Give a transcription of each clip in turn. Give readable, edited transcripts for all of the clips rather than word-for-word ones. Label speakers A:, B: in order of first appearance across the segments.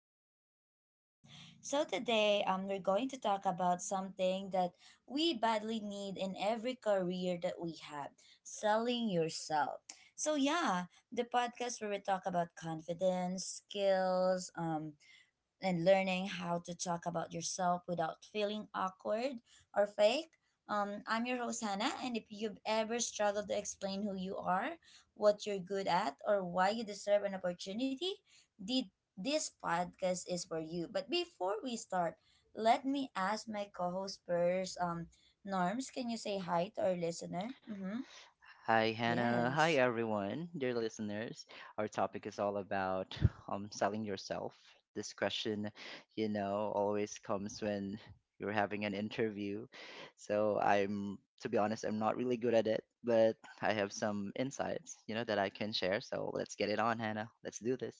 A: podcast with Norms. So today we're going to talk about something that we badly need in every career that we have: selling yourself. So yeah, the podcast where we talk about confidence, skills, and learning how to talk about yourself without feeling awkward or fake. I'm your host, Hannah, and if you've ever struggled to explain who you are, what you're good at, or why you deserve an opportunity, the, this podcast is for you. But before we start, let me ask my co host first. Norms, can you say hi to our listener? Mm-hmm.
B: Hi, Hannah. Hi,
A: Yes.
B: everyone, dear listeners. Our topic is all about selling yourself. This question, you know, always comes when you're having an interview. So I'm, to be honest, I'm not really good at it, but I have some insights, you know, that I can share. So let's get it on, Hannah. Let's do this.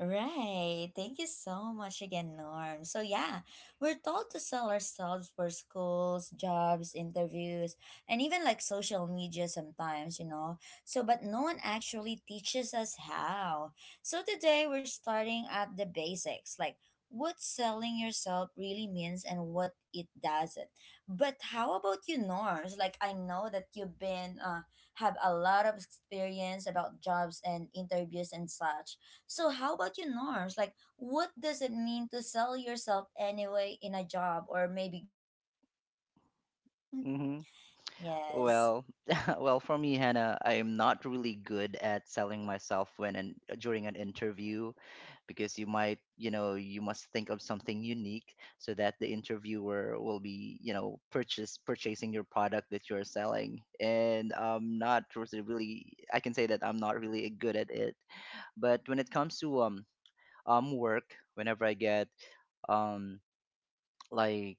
A: Right. Thank you so much again, Norm. So, yeah, we're told to sell ourselves for schools, jobs, interviews, and even like social media sometimes, you know. So, but no one actually teaches us how. So, today we're starting at the basics, like what selling yourself really means and what it doesn't. But how about you, Norms? Like, I know that you've been, have a lot of experience about jobs and interviews and such. So how about you, Norms? Like, what does it mean to sell yourself anyway in a job or maybe getting clients, you know? Yes.
B: Well, well, for me, Hannah, I am not really good at selling myself when and during an interview, because you might, you know, you must think of something unique so that the interviewer will be, you know, purchase purchasing your product that you're selling. And I'm not I can say that I'm not really good at it. But when it comes to work, whenever I get um like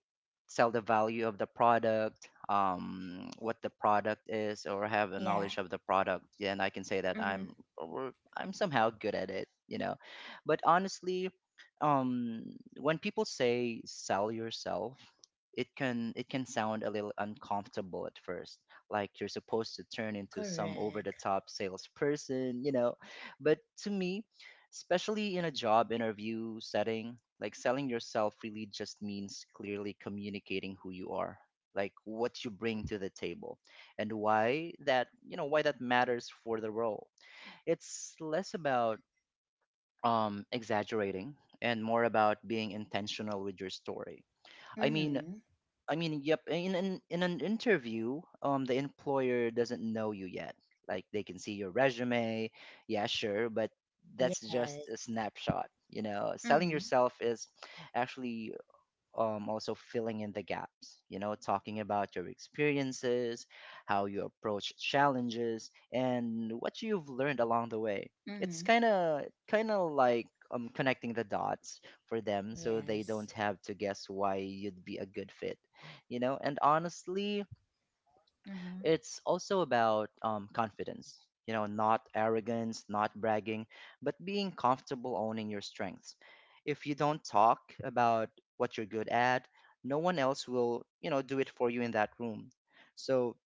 B: sell the value of the product, what the product is, or have a
A: Yeah.
B: knowledge of the product, yeah, and I can say that
A: Mm-hmm.
B: I'm somehow good at it, you know. But honestly, um when people say sell yourself, it can sound a little uncomfortable at first, like you're supposed to turn into some over the
A: Correct.
B: top salesperson, you know. But to me, especially in a job interview setting, like selling yourself really just means clearly communicating who you are, like what you bring to the table, and why that matters for the role. It's less about exaggerating and more about being intentional with your story. i mean
A: Mm-hmm.
B: I mean, yep. In an interview, the employer doesn't know you yet. Like they can see your resume, yeah, sure, but that's just
A: Yes.
B: a snapshot. You know, selling
A: Mm-hmm.
B: yourself is actually also filling in the gaps, you know, talking about your experiences, how you approach challenges, and what you've learned along the way. It's
A: Mm-hmm.
B: kind of like connecting the dots for them so they don't
A: Yes.
B: have to guess why you'd be a good fit, you know. And honestly,
A: Mm-hmm.
B: it's also about confidence, you know, not arrogance, not bragging, but being comfortable owning your strengths. If you don't talk about what you're good at, no one else will, you know, do it for you in that room. So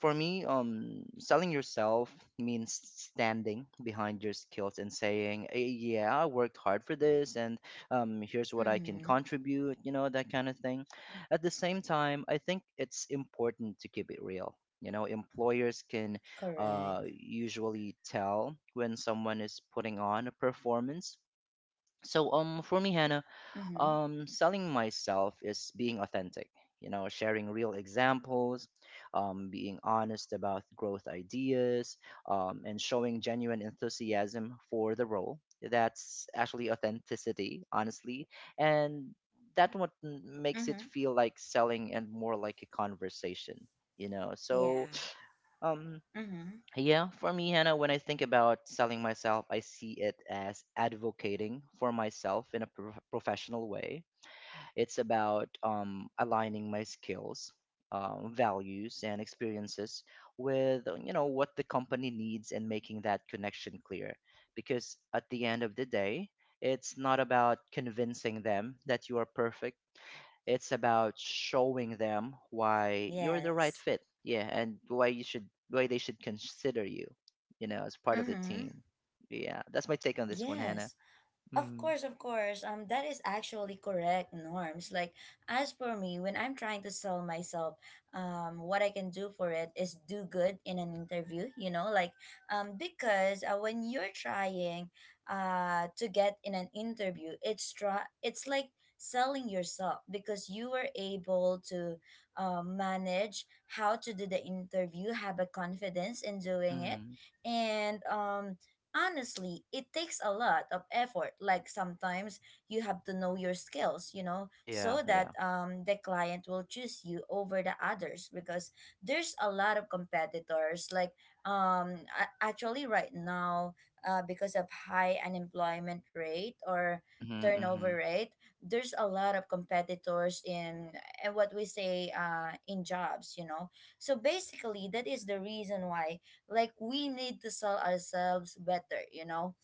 B: for me, selling yourself means standing behind your skills and saying, "Yeah, I worked hard for this, and here's what I can
A: Mm-hmm.
B: contribute." You know, that kind of thing. At the same time, I think it's important to keep it real. You know, employers can
A: Correct.
B: usually tell when someone is putting on a performance. So, for me, Hannah,
A: Mm-hmm.
B: selling myself is being authentic, you know, sharing real examples, being honest about growth ideas, and showing genuine enthusiasm for the role. That's actually authenticity, honestly. And makes it
A: Mm-hmm.
B: feel like selling and more like a conversation, you know.
A: Yeah.
B: So, um,
A: Mm-hmm.
B: yeah, for me, Hannah, when I think about selling myself, I see it as advocating for myself in a professional way. It's about aligning my skills, values, and experiences with you know, what the company needs, and making that connection clear. Because at the end of the day, it's not about convincing them that you are perfect. It's about showing them why you're the right
A: Yes.
B: fit. Yeah, and why they should consider you, you know, as part of the
A: Mm-hmm.
B: team. Yeah, that's my take on this one, Hannah.
A: Yes. Of course, of course. That is actually correct, Norms. Like, as for me, when I'm trying to sell myself, what I can do for it is do good in an interview, you know, like, because when you're to get in an interview, it's like selling yourself because you were able to, manage how to do the interview, have a confidence in doing it,
B: Mm-hmm.
A: and honestly, it takes a lot of effort. Like sometimes you have to know your skills, you know,
B: Yeah,
A: so that
B: yeah.
A: the client will choose you over the others, because there's a lot of competitors. Like actually right now, because of high unemployment rate or
B: Mm-hmm, mm-hmm.
A: turnover rate, there's a lot of competitors in and what we say in jobs, you know. So basically, that is the reason why like we need to sell ourselves better, you know,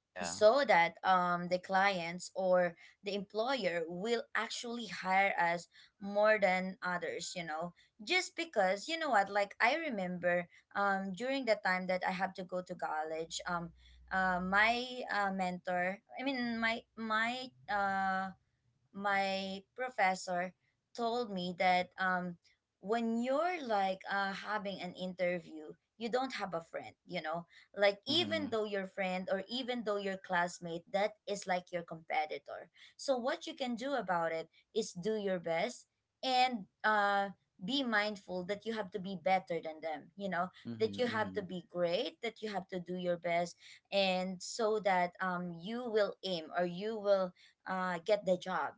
B: Yeah.
A: so that the clients or the employer will actually hire us more than others, you know. Just because, you know what, like I remember during the time that I have to go to college, my mentor I mean my my my professor told me that when you're like having an interview, you don't have a friend, you know, like even
B: Mhm.
A: though your friend or even though your classmate that is like your competitor. So what you can do about it is do your best, and be mindful that you have to be better than them, you know,
B: Mhm,
A: that you have to
B: mhm.
A: be great, that you have to do your best, and so that you will aim or you will get the job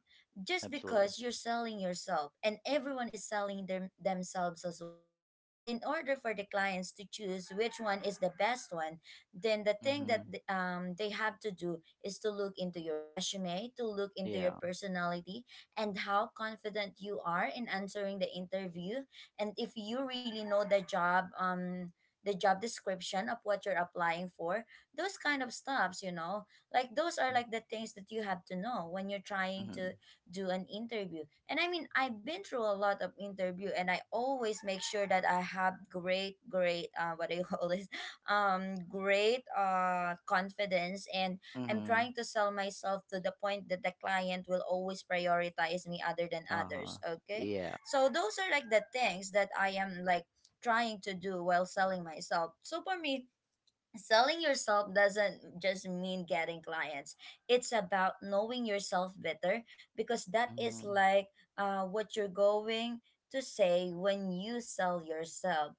A: just
B: Absolutely.
A: because you're selling yourself, and everyone is selling them themselves as well. And in order for the clients to choose which one is the best one, then the thing that
B: Mhm.
A: they have to do is to look into your resume, to look into your
B: Yeah.
A: personality and how confident you are in answering the interview, and if you really know the job, the job description of what you're applying for, those kind of stuffs, you know. Like those are
B: Mhm.
A: like the things that you have to know when you're trying to
B: Mhm.
A: do an interview. And I mean, I've been through a lot of interview, and I always make sure that I have great, great, what do you call this? Great confidence. And I'm
B: Mhm.
A: trying to sell myself to the point that the client will always prioritize me other than
B: Uh-huh.
A: others. Okay.
B: Yeah.
A: So those are like the things that I am like trying to do while selling myself. So for me, selling yourself doesn't just mean getting clients. It's about knowing yourself better, because that is
B: Mhm.
A: like what you're going to say when you sell yourself.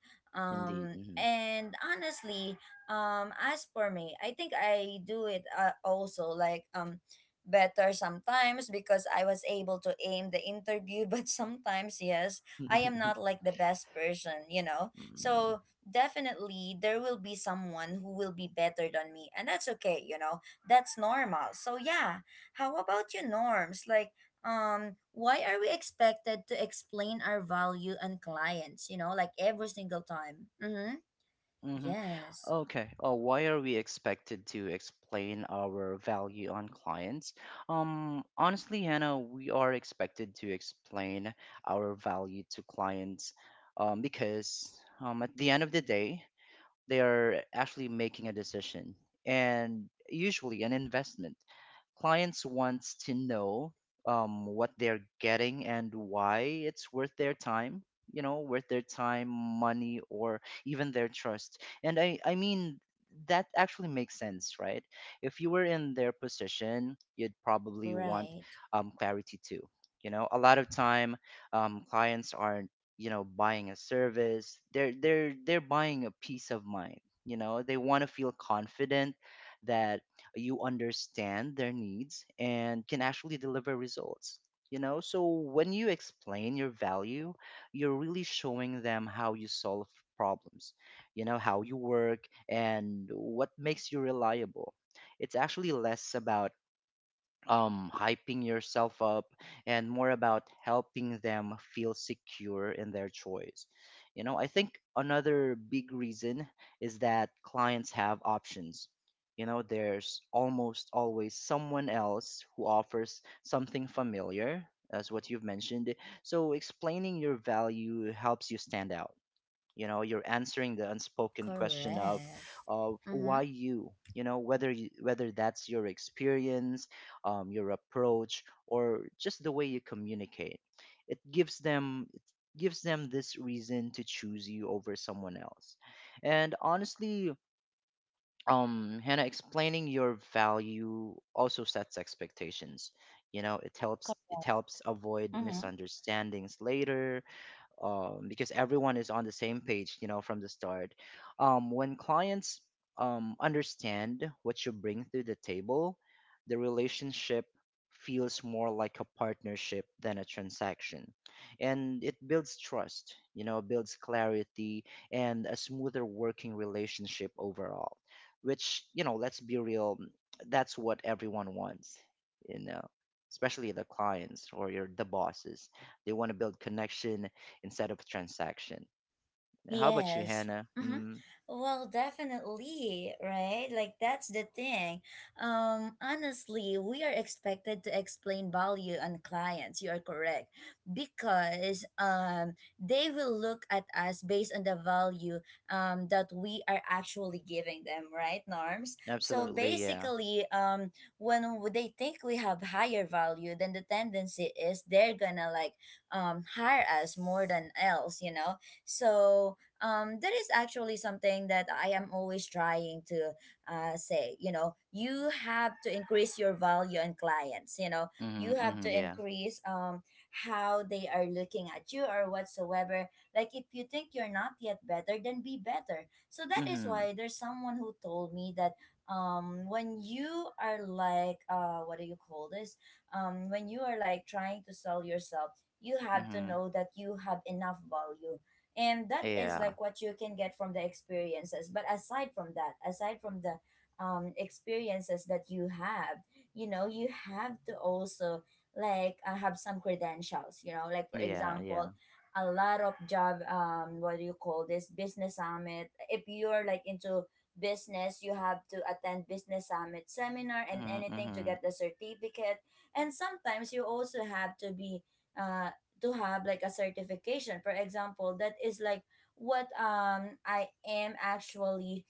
B: Indeed. Mhm.
A: And honestly, as for me, I think I do it also like better sometimes, because I was able to aim the interview, but sometimes, yes, I am not like the best person, you know?
B: Mm, mhm.
A: So definitely there will be someone who will be better than me, and that's okay, you know, that's normal. So yeah, how about you, Norms? Like, why are we expected to explain our value and clients, you know, like every single time? Mm-hmm. Yes.
B: Okay. Oh, why are we expected to explain our value on clients? Honestly, Hannah, we are expected to explain our value to clients, because at the end of the day, they are actually making a decision and usually an investment. Clients wants to know what they're getting and why it's worth their time, you know, worth their time, money, or even their trust. And I mean, that actually makes sense, right? If you were in their position, you'd probably want
A: Right.
B: clarity too. You know, a lot of time clients are, you know, buying a service. They're buying a peace of mind, you know. They want to feel confident that you understand their needs and can actually deliver results, you know. So when you explain your value, you're really showing them how you solve problems, you know, how you work, and what makes you reliable. It's actually less about hyping yourself up and more about helping them feel secure in their choice, you know. I think another big reason is that clients have options, you know. There's almost always someone else who offers something familiar, as what you've mentioned. So explaining your value helps you stand out, you know. You're answering the unspoken question of
A: Correct.
B: of why
A: Mm-hmm.
B: you, you know, whether that's your experience, your approach, or just the way you communicate. It gives them this reason to choose you over someone else. And honestly, Hannah, explaining your value also sets expectations, you know. It helps avoid
A: Mm-hmm.
B: misunderstandings later, because everyone is on the same page, you know, from the start. When clients understand what you bring to the table, the relationship feels more like a partnership than a transaction. And it builds trust, you know, builds clarity and a smoother working relationship overall, which, you know, let's be real, that's what everyone wants, you know, especially the clients or your the bosses. They want to build connection instead of transaction. How about you,
A: Yes.
B: Hannah?
A: Hmm.
B: Mm,
A: Well, definitely, right? Like that's the thing. Honestly, we are expected to explain value on clients. You are correct because they will look at us based on the value that we are actually giving them, right, Norms? So
B: absolutely, yeah.
A: basically, when they think we have higher value, then the tendency is they're gonna like hire us more than else, you know. So that is actually something that I am always trying to say. You know, you have to increase your value and clients. You know, you
B: Mm-hmm,
A: have to
B: mm-hmm, yeah.
A: increase how they are looking at you or whatsoever. Like if you think you're not yet better, then be better. So that is
B: Mm-hmm,
A: why there's someone who told me that when you are like what do you call this, when you are like trying to sell yourself, you have to
B: mm-hmm,
A: know that you have enough value, and that is
B: yeah,
A: like what you can get from the experiences. But aside from that, aside from the experiences that you have, you know, you have to also like have some credentials, you know, like for
B: yeah, yeah.
A: example a lot of job what do you call this, business summit. If you're like into business, you have to attend business summit seminar and
B: Mm-hmm,
A: anything to
B: mm-hmm.
A: get the certificate. And sometimes you also have to be uh to have like a certification, for example. That is like what I am actually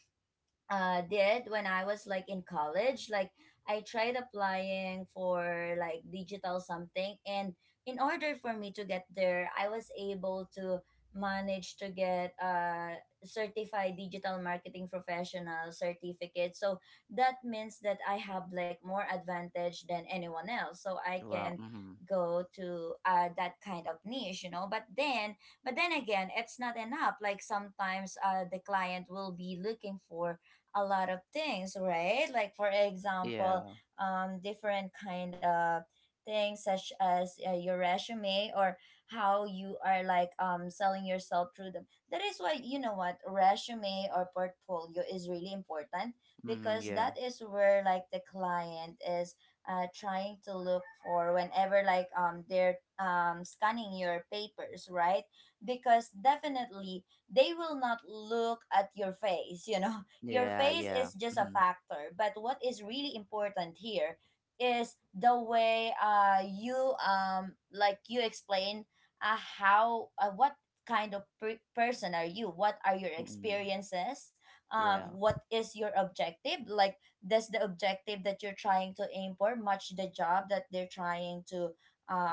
A: did when I was like in college. Like I tried applying for like digital something, and in order for me to get there, I was able to manage to get a certified digital marketing professional certificate. So that means that I have like more advantage than anyone else, so I
B: Wow,
A: can
B: mm-hmm,
A: go to that kind of niche, you know. But then, but then again, it's not enough. Like sometimes the client will be looking for a lot of things, right? Like for example,
B: yeah,
A: different kind of things such as your resume or how you are like selling yourself through them. That is why, you know what, resume or portfolio is really important,
B: mm-hmm,
A: because
B: yeah,
A: that is where like the client is trying to look for whenever like they're scanning your papers, right? Because definitely they will not look at your face, you know. Your
B: yeah,
A: face
B: yeah.
A: is just a
B: Mm-hmm,
A: factor, but what is really important here is the way you like you explain how what kind of person are you? What are your
B: mm-hmm,
A: experiences?
B: yeah,
A: What is your objective? Like does the objective that you're trying to aim for match the job that they're trying to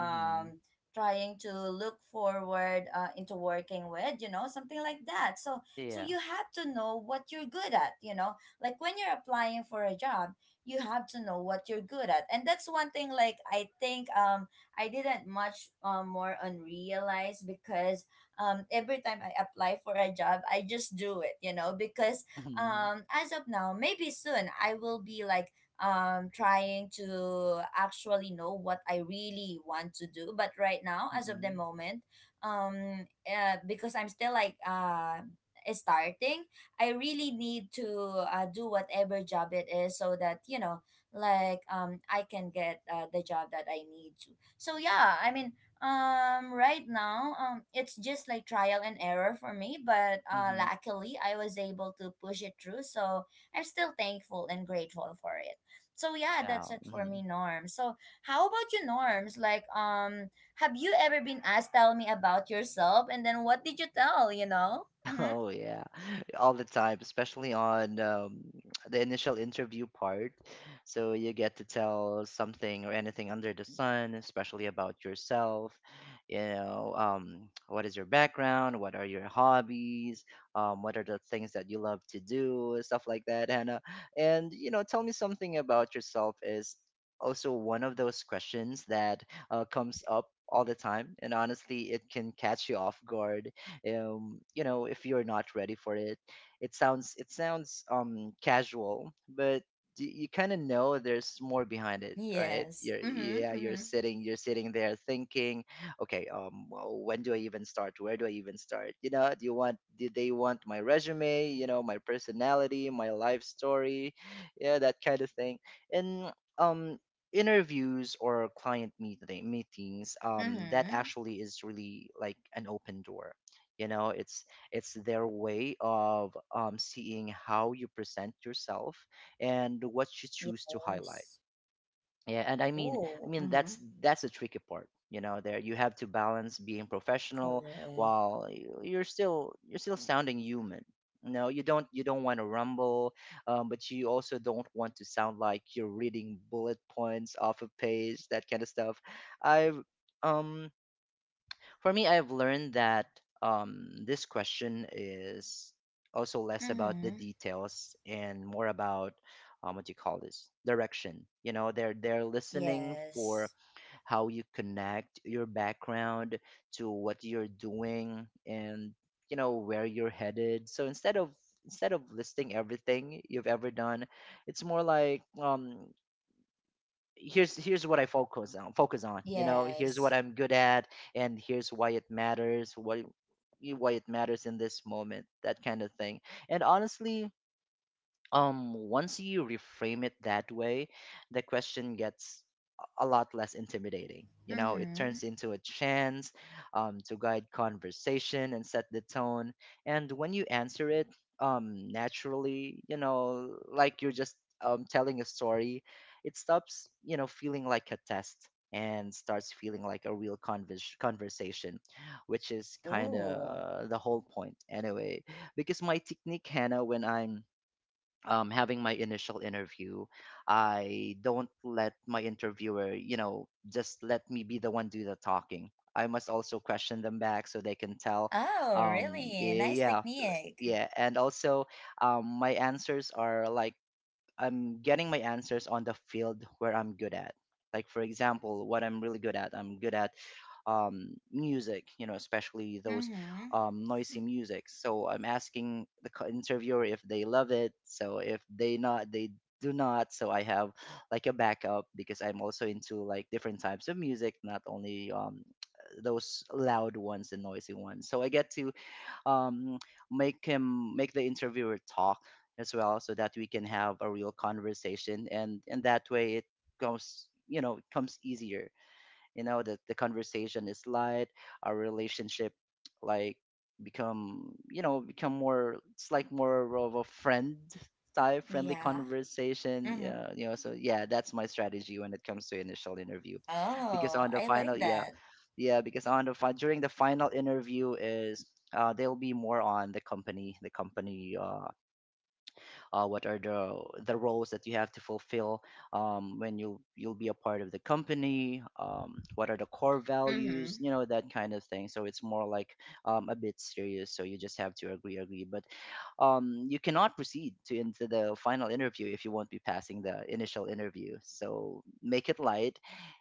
B: mm-hmm,
A: trying to look forward into working with, you know, something like that. So so
B: yeah,
A: you have to know what you're good at, you know? Like when you're applying for a job, you have to know what you're good at. And that's one thing like I think I didn't much more on realize, because every time I apply for a job, I just do it, you know, because
B: mm-hmm,
A: as of now, maybe soon I will be like trying to actually know what I really want to do. But right now, as of the
B: mm-hmm,
A: moment, because I'm still like starting, I really need to do whatever job it is, so that you know, like I can get the job that I need to. So yeah, I mean, right now, it's just like trial and error for me, but
B: mm-hmm.
A: luckily I was able to push it through. So I'm still thankful and grateful for it. So yeah, that's
B: Wow,
A: it for
B: mm-hmm.
A: me, Norm. So how about you, Norms? Like, have you ever been asked tell me about yourself, and then what did you tell? You know? Mm-hmm.
B: Oh yeah, all the time, especially on the initial interview part. So you get to tell something or anything under the sun, especially about yourself. You know, what is your background? What are your hobbies? What are the things that you love to do? Stuff like that, Hannah. And you know, tell me something about yourself is also one of those questions that comes up all the time, and honestly, it can catch you off guard, you know, if you're not ready for it. It sounds casual, but you kind of know there's more behind it, right?
A: Yes.
B: you're
A: Mm-hmm.
B: Yeah,
A: Mm-hmm.
B: you're sitting there thinking, okay, well, when do I even start where do I even start? You know, do they want my resume, you know, my personality, my life story? Yeah, that kind of thing. And um interviews or client meetings, that
A: Mm-hmm.
B: actually is really like an open door, you know. It's their way of seeing how you present yourself and what you choose to highlight.
A: Yes.
B: Yeah, and I
A: Oh.
B: mean,
A: Mm-hmm.
B: that's the tricky part, you know. There You have to balance being professional
A: Correct.
B: while you're still sounding human. No, you don't want to rumble, but you also don't want to sound like you're reading bullet points off a page, that kind of stuff. I've um for me, I've learned that this question is also less about the
A: Mm-hmm.
B: details and more about what do you call this, direction. You know, they're listening for
A: Yes.
B: how you connect your background to what you're doing, and you know, where you're headed. So instead of listing everything you've ever done, it's more like, here's what I focus on, you know, here's what
A: Yes.
B: I'm good at, and here's why it matters in this moment, that kind of thing. And honestly, once you reframe it that way, the question gets a lot less intimidating, you know. It
A: Mm-hmm.
B: turns into a chance, to guide conversation and set the tone. And when you answer it naturally, you know, like you're just telling a story, it stops, you know, feeling like a test and starts feeling like a real conversation, which is kind
A: Ooh.
B: of the whole point anyway. Because my technique, Hannah, when I'm having my initial interview, I don't let my interviewer, you know, just let me be the one do the talking. I must also question them back so they can tell.
A: Oh, really? Nice
B: Yeah,
A: technique.
B: yeah, and also, my answers are like, I'm getting my answers on the field where I'm good at. Like for example, what I'm really good at, I'm good at music, you know, especially those
A: Mm-hmm.
B: noisy music. So I'm asking the interviewer if they love it. So if they not, they do not. So I have like a backup because I'm also into like different types of music, not only those loud ones and noisy ones. So I get to um, make the interviewer talk as well, so that we can have a real conversation, and that way it comes easier. You know that the conversation is light, our relationship like become you know become more, it's like more of a friend type friendly
A: Yeah.
B: conversation,
A: Mm-hmm.
B: yeah, so yeah, that's my strategy when it comes to initial interview, because
A: Oh,
B: on the
A: I like
B: final, yeah,
A: that.
B: yeah, because on the fi- during the final interview is, they'll be more on the company, what are the roles that you have to fulfill when you'll be a part of the company, what are the core
A: Mm-hmm.
B: values, that kind of thing. So it's more like a bit serious, so you just have to agree, but you cannot proceed to into the final interview if you won't be passing the initial interview. So make it light,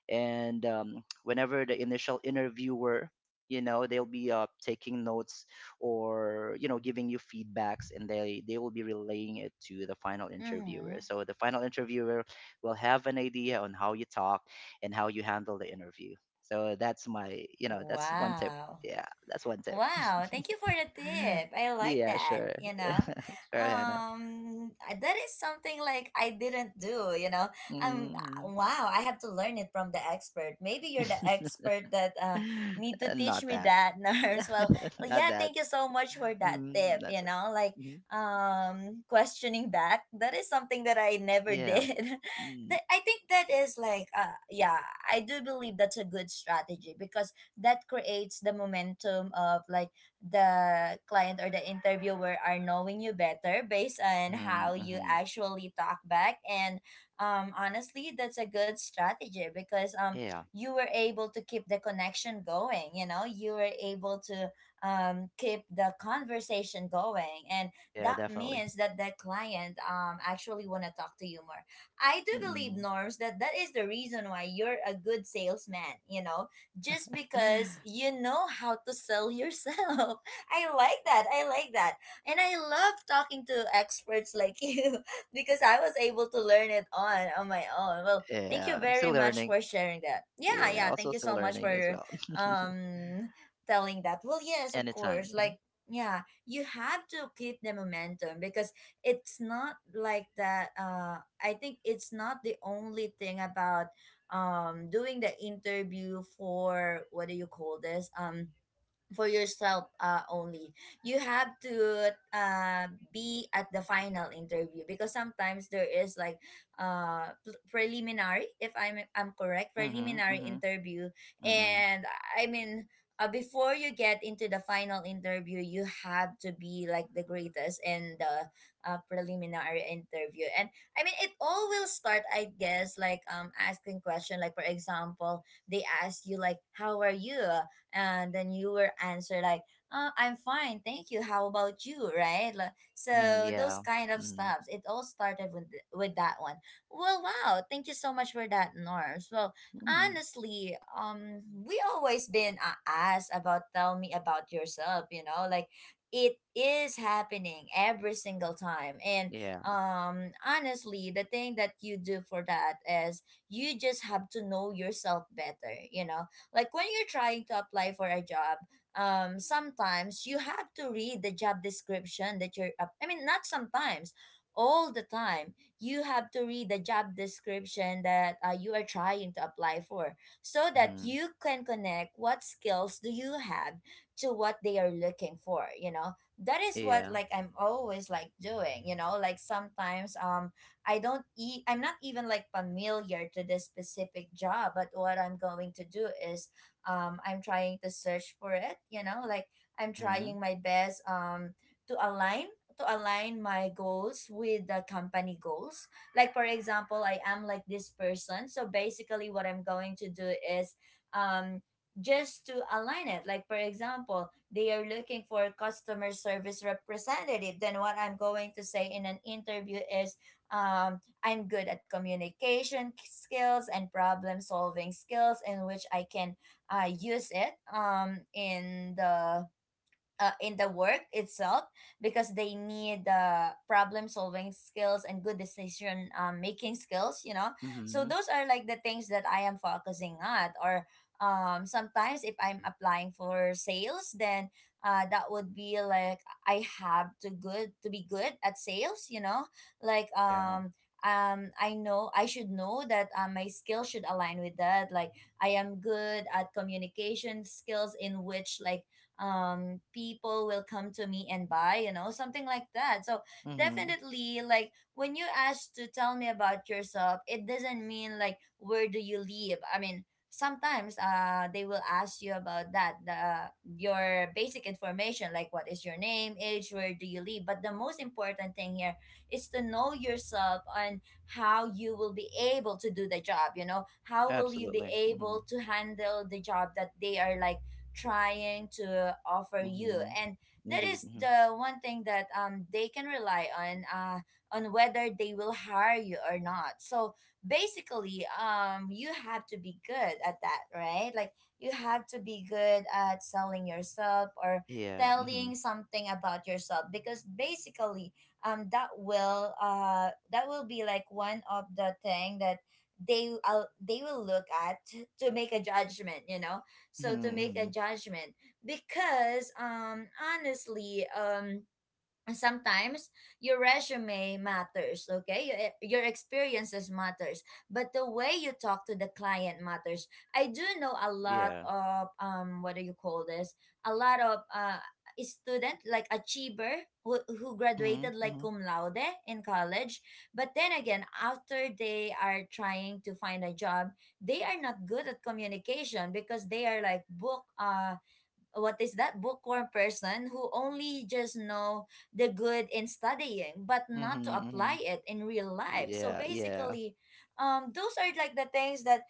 B: and whenever the initial interviewer, they'll be taking notes, or giving you feedbacks, and they will be relaying it to the final interviewer.
A: Mm-hmm.
B: So the final interviewer will have an idea on how you talk and how you handle the interview. So that's my you know that's one tip.
A: Wow.
B: Yeah, that's one tip.
A: Wow, thank you for the tip. I like
B: Yeah, sure.
A: that, you know.
B: Sure, Hannah.
A: That is something like I didn't do, you know. Um
B: Mm.
A: uh, wow, I have to learn it from the expert. Maybe you're the expert that need to teach
B: Not
A: me
B: that.
A: that, nurse. Well, well,
B: Not
A: yeah,
B: that.
A: thank you so much for that
B: Mm,
A: tip,
B: that's
A: you
B: it.
A: know. Like
B: Mhm.
A: Questioning back. That is something that I never
B: Yeah.
A: did.
B: Mm,
A: I think that is like yeah, I do believe that's a good strategy because that creates the momentum of like the client or the interviewer are knowing you better based on
B: mm-hmm,
A: how you
B: mm-hmm.
A: actually talk back. And honestly that's a good strategy because
B: Yeah.
A: you were able to keep the connection going. You were able to keep the conversation going. And
B: Yeah,
A: that
B: definitely.
A: means that the client actually want to talk to you more. I do believe,
B: Mm-hmm.
A: Norms, that is the reason why you're a good salesman, you know, just because you know how to sell yourself. I like that. I like that. And I love talking to experts like you because I was able to learn it on my own. Well, thank you
B: Yeah, I'm
A: very
B: still
A: much
B: learning.
A: for sharing that. Yeah,
B: Yeah,
A: yeah,
B: also
A: thank you
B: still
A: so much
B: learning as
A: for
B: well.
A: um telling that. Well, yes, of
B: Anytime.
A: course. Like yeah, you have to keep the momentum because it's not like that I think it's not the only thing about doing the interview for what do you call this, for yourself only. You have to be at the final interview because sometimes there is like preliminary, if I'm correct,
B: Mm-hmm.
A: preliminary
B: Mm-hmm.
A: interview.
B: Mm-hmm.
A: And I mean, before you get into the final interview you have to be like the greatest in the preliminary interview. And I mean, it all will start, I guess, like asking question, like for example they ask you like how are you, and then you will answer like I'm fine, thank you, how about you, right? Like,
B: Mm-hmm.
A: so those
B: Yeah.
A: kind of
B: Mm-hmm.
A: stuffs, it all started with with that one. Well, wow, thank you so much for that, Norms. Well,
B: Mm-hmm.
A: honestly, we always been asked about tell me about yourself, you know, like it is happening every single time. And
B: Yeah.
A: honestly the thing that you do for that is you just have to know yourself better, you know, like when you're trying to apply for a job, sometimes you have to read the job description that I mean not sometimes, all the time you have to read the job description that you are trying to apply for, so that
B: Mm-hmm.
A: you can connect what skills do you have to what they are looking for, you know. That is what
B: Yeah.
A: like I'm always like doing, you know, like sometimes I don't eat, I'm not even like familiar to this specific job, but what I'm going to do is I'm trying to search for it, you know, like I'm
B: Mm-hmm.
A: trying my best to align, to align my goals with the company goals. Like for example, I am like this person, so basically what I'm going to do is um just to align it. Like for example, they are looking for a customer service representative, then what I'm going to say in an interview is I'm good at communication skills and problem solving skills, in which I can use it in the work itself, because they need the problem solving skills and good decision making skills, you know. So
B: Mm-hmm.
A: those are like the things that I am focusing on. Or sometimes if I'm applying for sales, then that would be like I have to good to be good at sales, you know. Like
B: Yeah.
A: I know, I should know that my skill should align with that. Like I am good at communication skills in which like people will come to me and buy, you know, something like that. So
B: Mm-hmm.
A: definitely, like when you ask to tell me about yourself, it doesn't mean like where do you live. I mean, sometimes they will ask you about that, the your basic information, like what is your name, age, where do you live, but the most important thing here is to know yourself and how you will be able to do the job, you know, how will you be
B: Absolutely. Mm-hmm.
A: able to handle the job that they are like trying to offer you.
B: Mm-hmm.
A: And that
B: Indeed.
A: is
B: Mm-hmm.
A: the one thing that they can rely on whether they will hire you or not. So basically, you have to be good at that, right? Like you have to be good at selling yourself or
B: Yeah. Mm-hmm.
A: telling something about yourself, because basically that will be like one of the thing that they will look at to make a judgment, you know.
B: Mm-hmm.
A: So to make a
B: Mm-hmm.
A: judgment, because honestly, and sometimes your resume matters, okay, your, e, your experiences matters, but the way you talk to the client matters. I do know a lot
B: Yeah.
A: of what do you call this, a lot of student like achiever who
B: Mm-hmm.
A: graduated like
B: Mm-hmm.
A: cum laude in college, but then again after they are trying to find a job, they are not good at communication because they are like book what is that, bookworm person, who only just know the good in studying but not
B: Mm-hmm.
A: to
B: Mm-hmm.
A: apply it in real life. So
B: Yeah. Yeah.
A: basically those are like the things that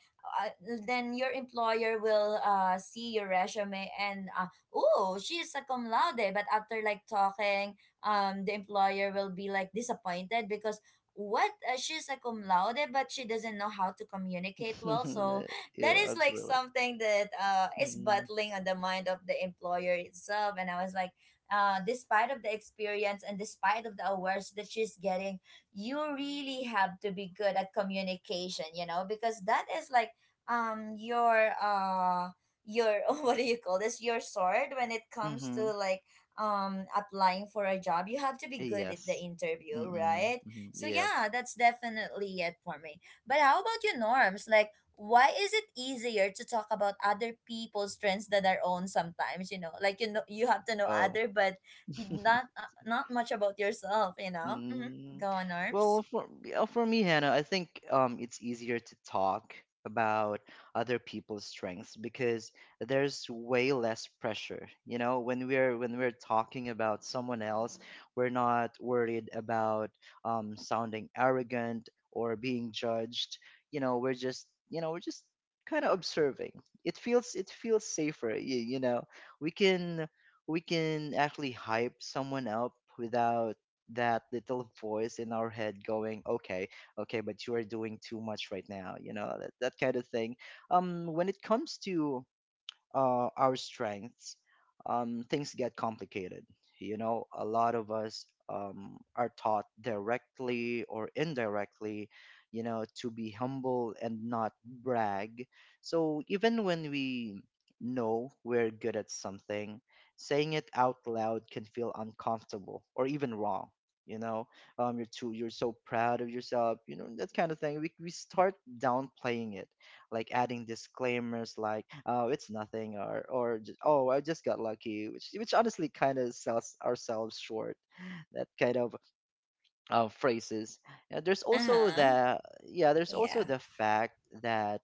A: uh, then your employer will see your resume and oh she is a cum laude, but after like talking, the employer will be like disappointed because what, she's a cum laude but she doesn't know how to communicate well. So that
B: Yeah.
A: is like
B: Absolutely.
A: something that is
B: Mm-hmm.
A: battling on the mind of the employer itself. And I was like despite of the experience and despite of the awards that she's getting, you really have to be good at communication, you know, because that is like um your uh your what do you call this, your sword when it comes to
B: Mm-hmm.
A: like applying for a job. You have to be good at the
B: Yes.
A: interview,
B: Mm-mm.
A: right?
B: Hmm.
A: So
B: Yep.
A: yeah, that's definitely it for me. But how about you, Norms? Like why is it easier to talk about other people's trends than our own sometimes, you know, like you know you have to know
B: Oh.
A: other but not not much about yourself, you know. Mm-hmm.
B: Mm,
A: Go on, arms.
B: well, for me, Hannah, I think it's easier to talk about other people's strengths because there's way less pressure. You know, when we're talking about someone else, we're not worried about sounding arrogant or being judged. You know, we're just kind of observing. It feels safer. You know, we can we can actually hype someone up without that little voice in our head going, okay, okay, but you are doing too much right now, that kind of thing. When it comes to our strengths, things get complicated. You know, a lot of us are taught directly or indirectly, to be humble and not brag. So even when we know we're good at something, saying it out loud can feel uncomfortable or even wrong. You know, you're so proud of yourself, you know, that kind of thing. We start downplaying it, like adding disclaimers like, oh, it's nothing, or just, oh, I just got lucky, which honestly kind of sells ourselves short. That kind of phrases. There's also
A: Uh-huh.
B: the Yeah, there's also
A: Yeah.
B: the fact that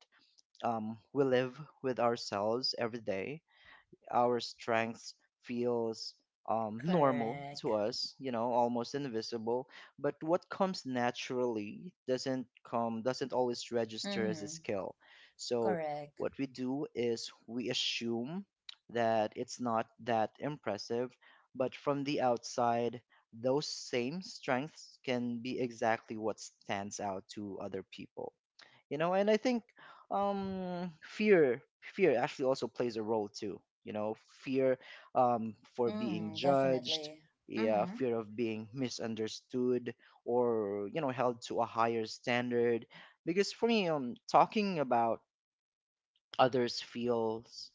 B: we live with ourselves every day. Our strengths feels normal
A: Correct.
B: to us, you know, almost invisible. But what comes naturally, doesn't always register as a
A: Mm-hmm.
B: skill. So
A: Correct.
B: what we do is we assume that it's not that impressive, but from the outside, those same strengths can be exactly what stands out to other people. You know, and I think fear actually also plays a role too. You know, fear, for being
A: Mm,
B: judged.
A: definitely.
B: Yeah,
A: Mm-hmm.
B: fear of being misunderstood, or held to a higher standard. Because for me, talking about others feels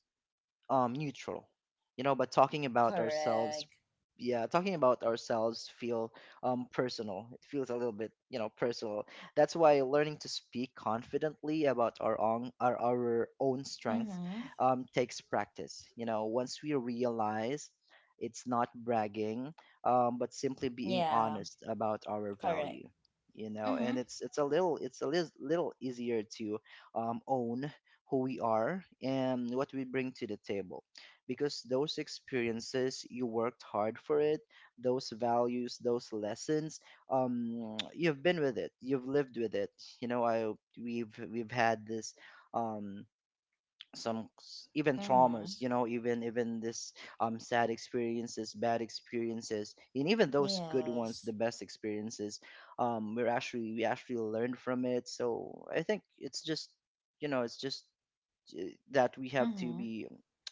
B: neutral. You know, but talking about ourselves,
A: Correct.
B: yeah, talking about ourselves feel personal. It feels a little bit, personal. That's why learning to speak confidently about our own strengths
A: Mm-hmm.
B: takes practice. You know, once we realize it's not bragging, but simply being
A: Yeah.
B: honest about our
A: Correct.
B: value, you know,
A: Mm-hmm.
B: and it's a little easier to own who we are, and what we bring to the table. Because those experiences, you worked hard for it, those values, those lessons, you've been with it, you've lived with it. You know, I we've had this um even
A: Mm-hmm.
B: traumas. You know, even this sad experiences, bad experiences, and even those good ones, the
A: Yes.
B: best experiences, we actually learned from it. So I think it's just that we have to
A: Mm-hmm.
B: be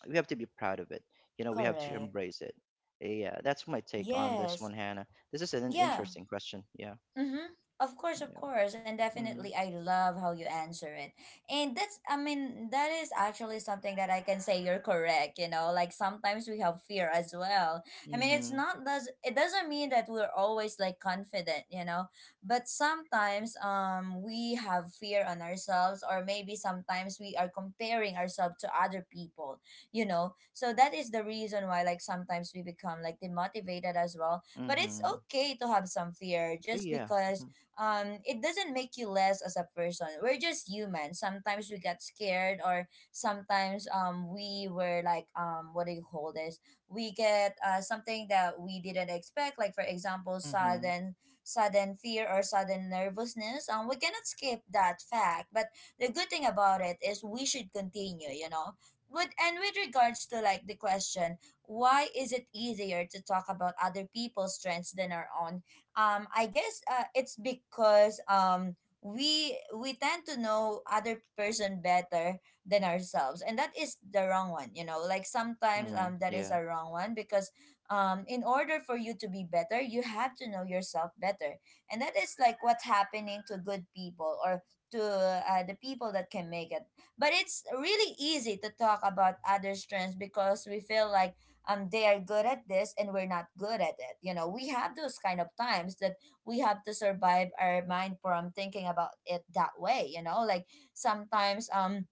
B: we have to be proud of it. You know, we have to
A: Correct.
B: embrace it. Yeah, that's my take on this
A: Yes.
B: one, Hannah. This is an
A: Yeah.
B: interesting question. Yeah.
A: Mm-hmm. Of
B: Yeah.
A: course, and definitely,
B: Mm.
A: I love how you answer it. And that's, I mean, that is actually something that I can say you're correct. You know, like sometimes we have fear as well. I mean, it's
B: Mhm.
A: not, does it, doesn't mean that we're always like confident, you know, but sometimes we have fear on ourselves, or maybe sometimes we are comparing ourselves to other people, you know. So that is the reason why, like, sometimes we become like demotivated as well, but it's
B: Mhm.
A: okay to have some fear, just
B: Yeah.
A: because
B: Mhm.
A: it doesn't make you less as a person. We're just human. Sometimes we get scared, or sometimes we were like what do you call this? We get something that we didn't expect, like for example,
B: Mhm.
A: sudden fear or sudden nervousness. We cannot escape that fact. But the good thing about it is we should continue, you know. With and with regards to like the question, why is it easier to talk about other people's strengths than our own? I guess it's because we tend to know other person better than ourselves, and that is the wrong one. You know, like sometimes
B: Mhm.
A: that is
B: Yeah.
A: a wrong one, because in order for you to be better, you have to know yourself better, and that is like what's happening to good people, or to the people that can make it. But it's really easy to talk about other strengths because we feel like they are good at this and we're not good at it, you know. We have those kind of times that we have to survive our mind from thinking about it that way, you know. Like sometimes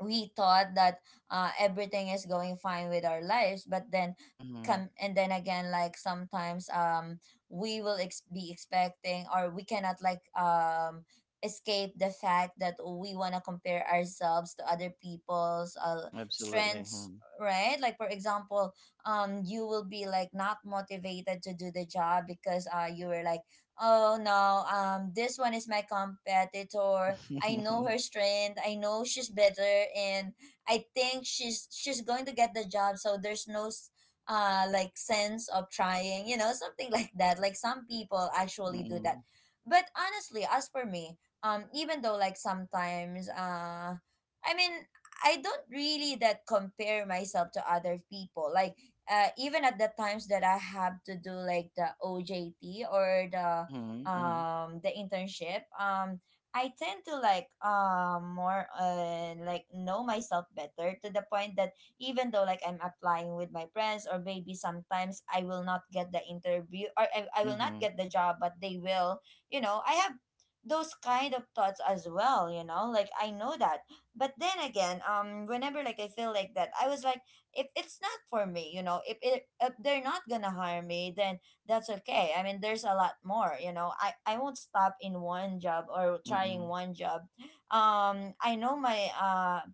A: we thought that everything is going fine with our lives, but then
B: Mhm.
A: come and then again, like sometimes we will be expecting, or we cannot like escape the fact that we want to compare ourselves to other people's
B: Absolutely.
A: strengths,
B: Mhm.
A: right? Like for example, you will be like not motivated to do the job because you were like oh no, this one is my competitor. I know her strength. I know she's better, and I think she's going to get the job. So there's no sense of trying, something like that. Like some people actually do that.
B: Mhm.
A: But honestly, as for me, even though sometimes I mean I don't really that compare myself to other people. Like even at the times that I have to do like the OJT or
B: Mhm. Mhm.
A: the internship. I tend to like more like know myself better, to the point that even though like I'm applying with my friends, or maybe sometimes I will not get the interview, or I will not
B: Mhm.
A: get the job but they will. You know, I have those kind of thoughts as well, you know, like I know that. But then again, whenever like I feel like that, I was like, if it's not for me, you know, if it if they're not gonna hire me, then that's okay. I mean, there's a lot more, you know. I won't stop in one job or trying
B: Mhm.
A: one job. I know my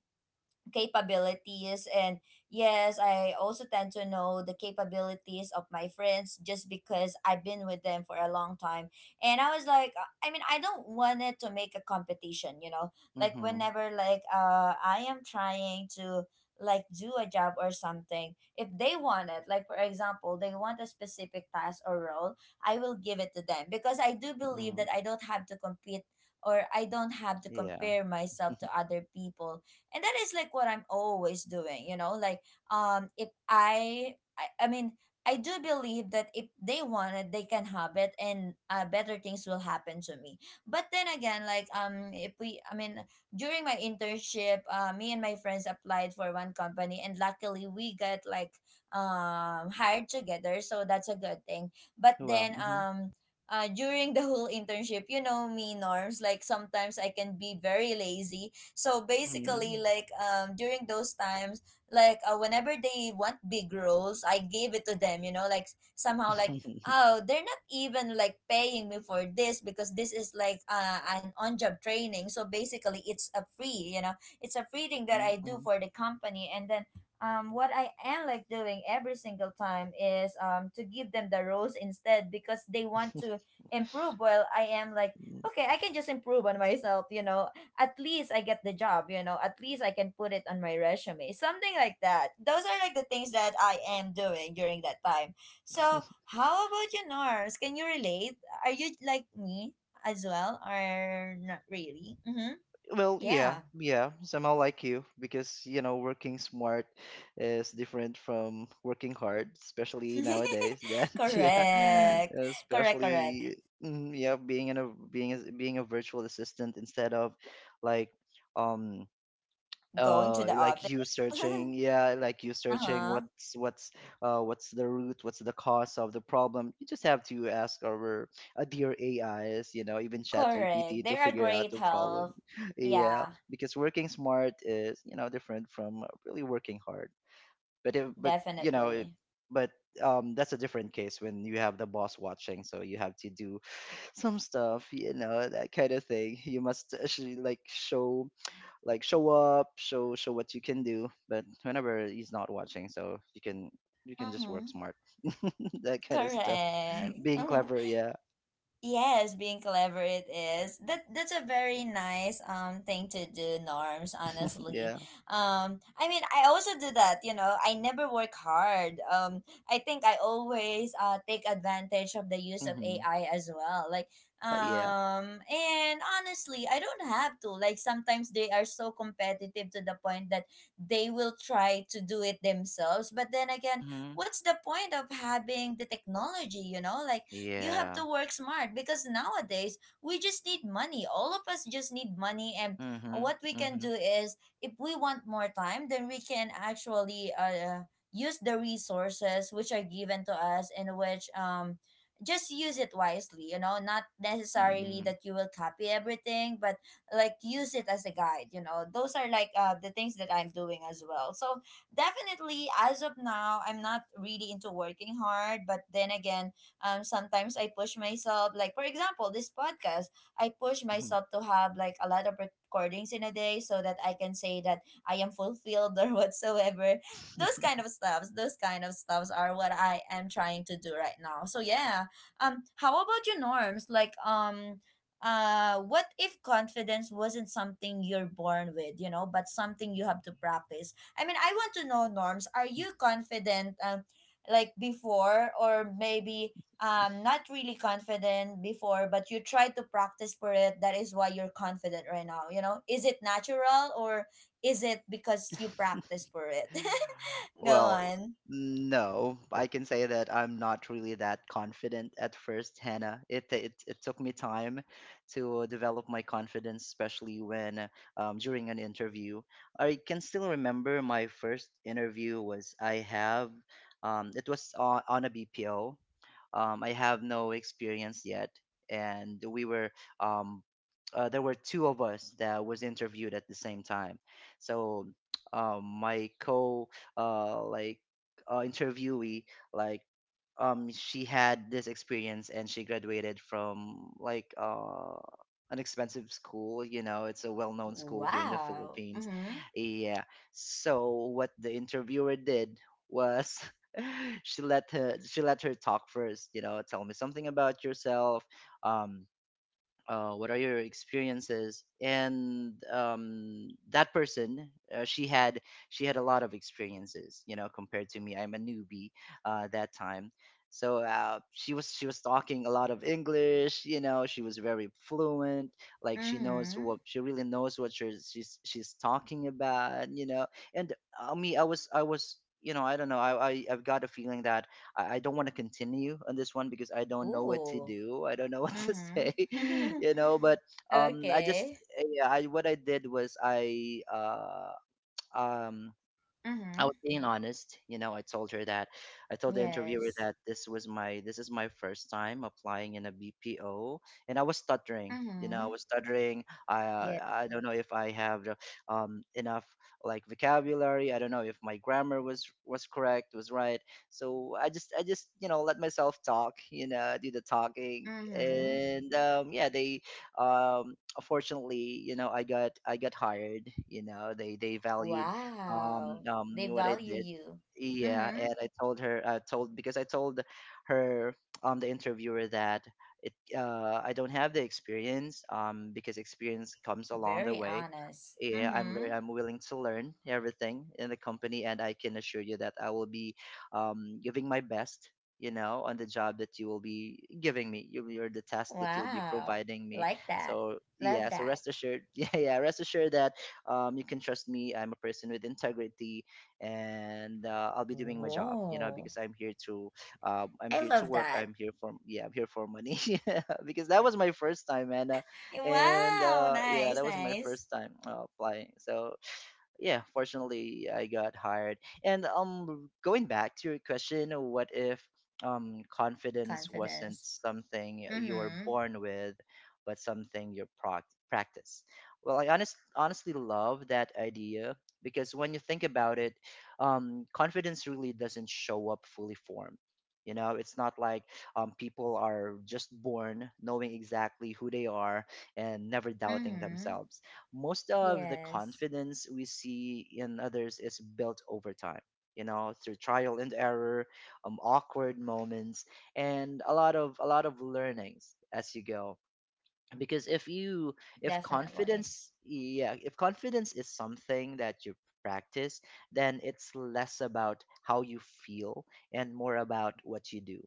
A: capabilities, and yes, I also tend to know the capabilities of my friends just because I've been with them for a long time. And I was like, I don't want it to make a competition, you know. Like
B: Mhm.
A: whenever I am trying to do a job or something, if they want it, like for example, they want a specific task or role, I will give it to them because I do believe that
B: Mhm.
A: I don't have to compete or I don't have to
B: Yeah.
A: compare myself to other people. And that is like what I'm always doing, you know. Like if I I mean I do believe that if they want it, they can have it, and better things will happen to me. But then again, like if we I mean during my internship, me and my friends applied for one company and luckily we got like hired together, so that's a good thing. But
B: Wow.
A: then
B: Mhm.
A: during the whole internship, you know, me, Norms, like sometimes I can be very lazy. So basically,
B: Mhm.
A: like during those times, like whenever they want big roles, I gave it to them. You know, like somehow like, oh, they're not even like paying me for this because this is like an on-job training. So basically, it's a free. You know, it's a free thing that
B: Mhm.
A: I do
B: Mhm.
A: for the company. And then what I am like doing every single time is to give them the roles instead because they want to improve, while I am like,
B: Mm.
A: okay, I can just improve on myself, you know. At least I get the job, you know, at least I can put it on my resume, something like that. Those are like the things that I am doing during that time. So how about you, Nars? Can you relate? Are you like me as well, or not really? Mm-hmm.
B: Well, yeah,
A: Yeah.
B: yeah, somehow like you, because, you know, working smart is different from working hard, especially nowadays. That yeah,
A: Correct. Correct, correct.
B: especially mm, yeah, being in a being as being a virtual assistant instead of, like, um
A: Going to the
B: like
A: office.
B: you searching, yeah, like you
A: Uh
B: searching,
A: huh.
B: what's what's the root what's the cause of the problem. You just have to ask our dear AIs, you know, even chat
A: Correct.
B: gpt to
A: They are
B: figure out
A: great
B: the problem.
A: help.
B: Yeah,
A: Yeah,
B: because working smart is, different from really working hard. But if, but you know it,
A: definitely.
B: but that's a different case when you have the boss watching, so you have to do some stuff, you know, that kind of thing. You must actually, like, show like show up, show what you can do. But whenever he's not watching, so you can just work
A: Mm-hmm.
B: smart. That kind of stuff.
A: Correct.
B: Being
A: Mm-hmm.
B: clever, yeah.
A: Yes, being clever it is. That that's a very nice thing to do, Norms, honestly.
B: Yeah.
A: I mean, I also do that, you know. I never work hard. I think I always take advantage of the use of
B: Hmm.
A: AI as well. Like
B: Yeah.
A: and honestly, I don't have to. Like sometimes they are so competitive to the point that they will try to do it themselves. But then again,
B: Hmm.
A: what's the point of having the technology, you know? Like you have
B: Yeah.
A: to work smart because nowadays we just need money. All of us just need money. And
B: Hmm.
A: what we can do
B: Hmm.
A: is, if we want more time, then we can actually use the resources which are given to us, and which just use it wisely, you know, not necessarily
B: Hmm.
A: that you will copy everything, but like use it as a guide, you know. Those are like the things that I'm doing as well. So definitely, as of now, I'm not really into working hard. But then again, sometimes I push myself, like for example, this podcast, I push myself to have like a lot of recordings in a day so that I can say that I am fulfilled or whatsoever. Those kind
B: Hmm.
A: of stuffs, those kind of stuffs are what I am trying to do right now. So yeah, how about your Norms, like what if confidence wasn't something you're born with, you know, but something you have to practice? I mean, I want to know, Norms, are you confident, like before, or maybe not really confident before but you try to practice for it, that is why you're confident right now, you know? Is it natural, or is it because you practice for it? Go
B: Well,
A: on.
B: no, I can say that I'm not really that confident at first, Hannah. It t- it took me time to develop my confidence, especially when during an interview. I can still remember my first interview was on a BPO. I have no experience yet, and we were um, there were two of us that was interviewed at the same time. So my co like interviewee, like, she had this experience, and she graduated from, like, an expensive school. You know, it's a well-known school here in the
A: Wow.
B: Philippines.
A: Mm-hmm.
B: Yeah. So what the interviewer did was she let her talk first. You know, tell me something about yourself. um what are your experiences? And that person, uh, she had she had a lot of experiences, you know, compared to me. I'm a newbie that time. So she was talking a lot of English. You know, she was very fluent, like
A: Mm-hmm.
B: she really knows what she's talking about, you know. And me, I don't know, I've got a feeling that I don't want to continue on this one because I don't know what to
A: Ooh.
B: do. I don't know what to say,
A: Mm-hmm.
B: you know. But I just
A: Okay.
B: yeah, I what I did was, um I
A: Mm-hmm.
B: was being honest, you know. I told her, that I told, the interviewer,
A: Yes.
B: that this was my this is my first time applying in a BPO. And I was stuttering, you know, I
A: Mm-hmm.
B: was stuttering. I
A: Yeah.
B: I don't know if I have enough, like, vocabulary. I don't know if my grammar was correct, was right. So I just, you know, let myself talk, you know, do the talking.
A: Mm-hmm.
B: And yeah, they um fortunately, you know, I got hired, you know. They valued
A: Wow. They
B: what I
A: value
B: did.
A: you.
B: Yeah,
A: Mm-hmm.
B: and I told her, the interviewer, that it I don't have the experience, because experience comes along the
A: Very
B: way.
A: honest.
B: Yeah,
A: Mm-hmm.
B: I'm willing to learn everything in the company, and I can assure you that I will be giving my best, you know, on the job that you will be giving me, you, you're the task that you'll be
A: Wow.
B: providing me.
A: Like that.
B: So yeah,
A: Love
B: so
A: that.
B: rest assured. Yeah, yeah, rest assured that you can trust me. I'm a person with integrity, and I'll be doing my job, you know,
A: Whoa.
B: because I'm here to
A: I love
B: work.
A: that.
B: I'm here for Yeah, I'm here for money. Because that was my first time, and and
A: Wow.
B: yeah,
A: Nice,
B: that was my
A: nice.
B: first time applying. So yeah, fortunately, I got hired. And Going back to your question, what if confidence wasn't
A: Confidence.
B: something you are
A: Mm-hmm.
B: born with, but something you proc practice? Well, I honestly love that idea because when you think about it, confidence really doesn't show up fully formed. You know, it's not like people are just born knowing exactly who they are and never doubting
A: Mm-hmm.
B: themselves. Most of the
A: Yes.
B: confidence we see in others is built over time, you know, through trial and error, awkward moments, and a lot of learnings as you go. Because if
A: Definitely.
B: confidence, if confidence is something that you practice, then it's less about how you feel and more about what you do.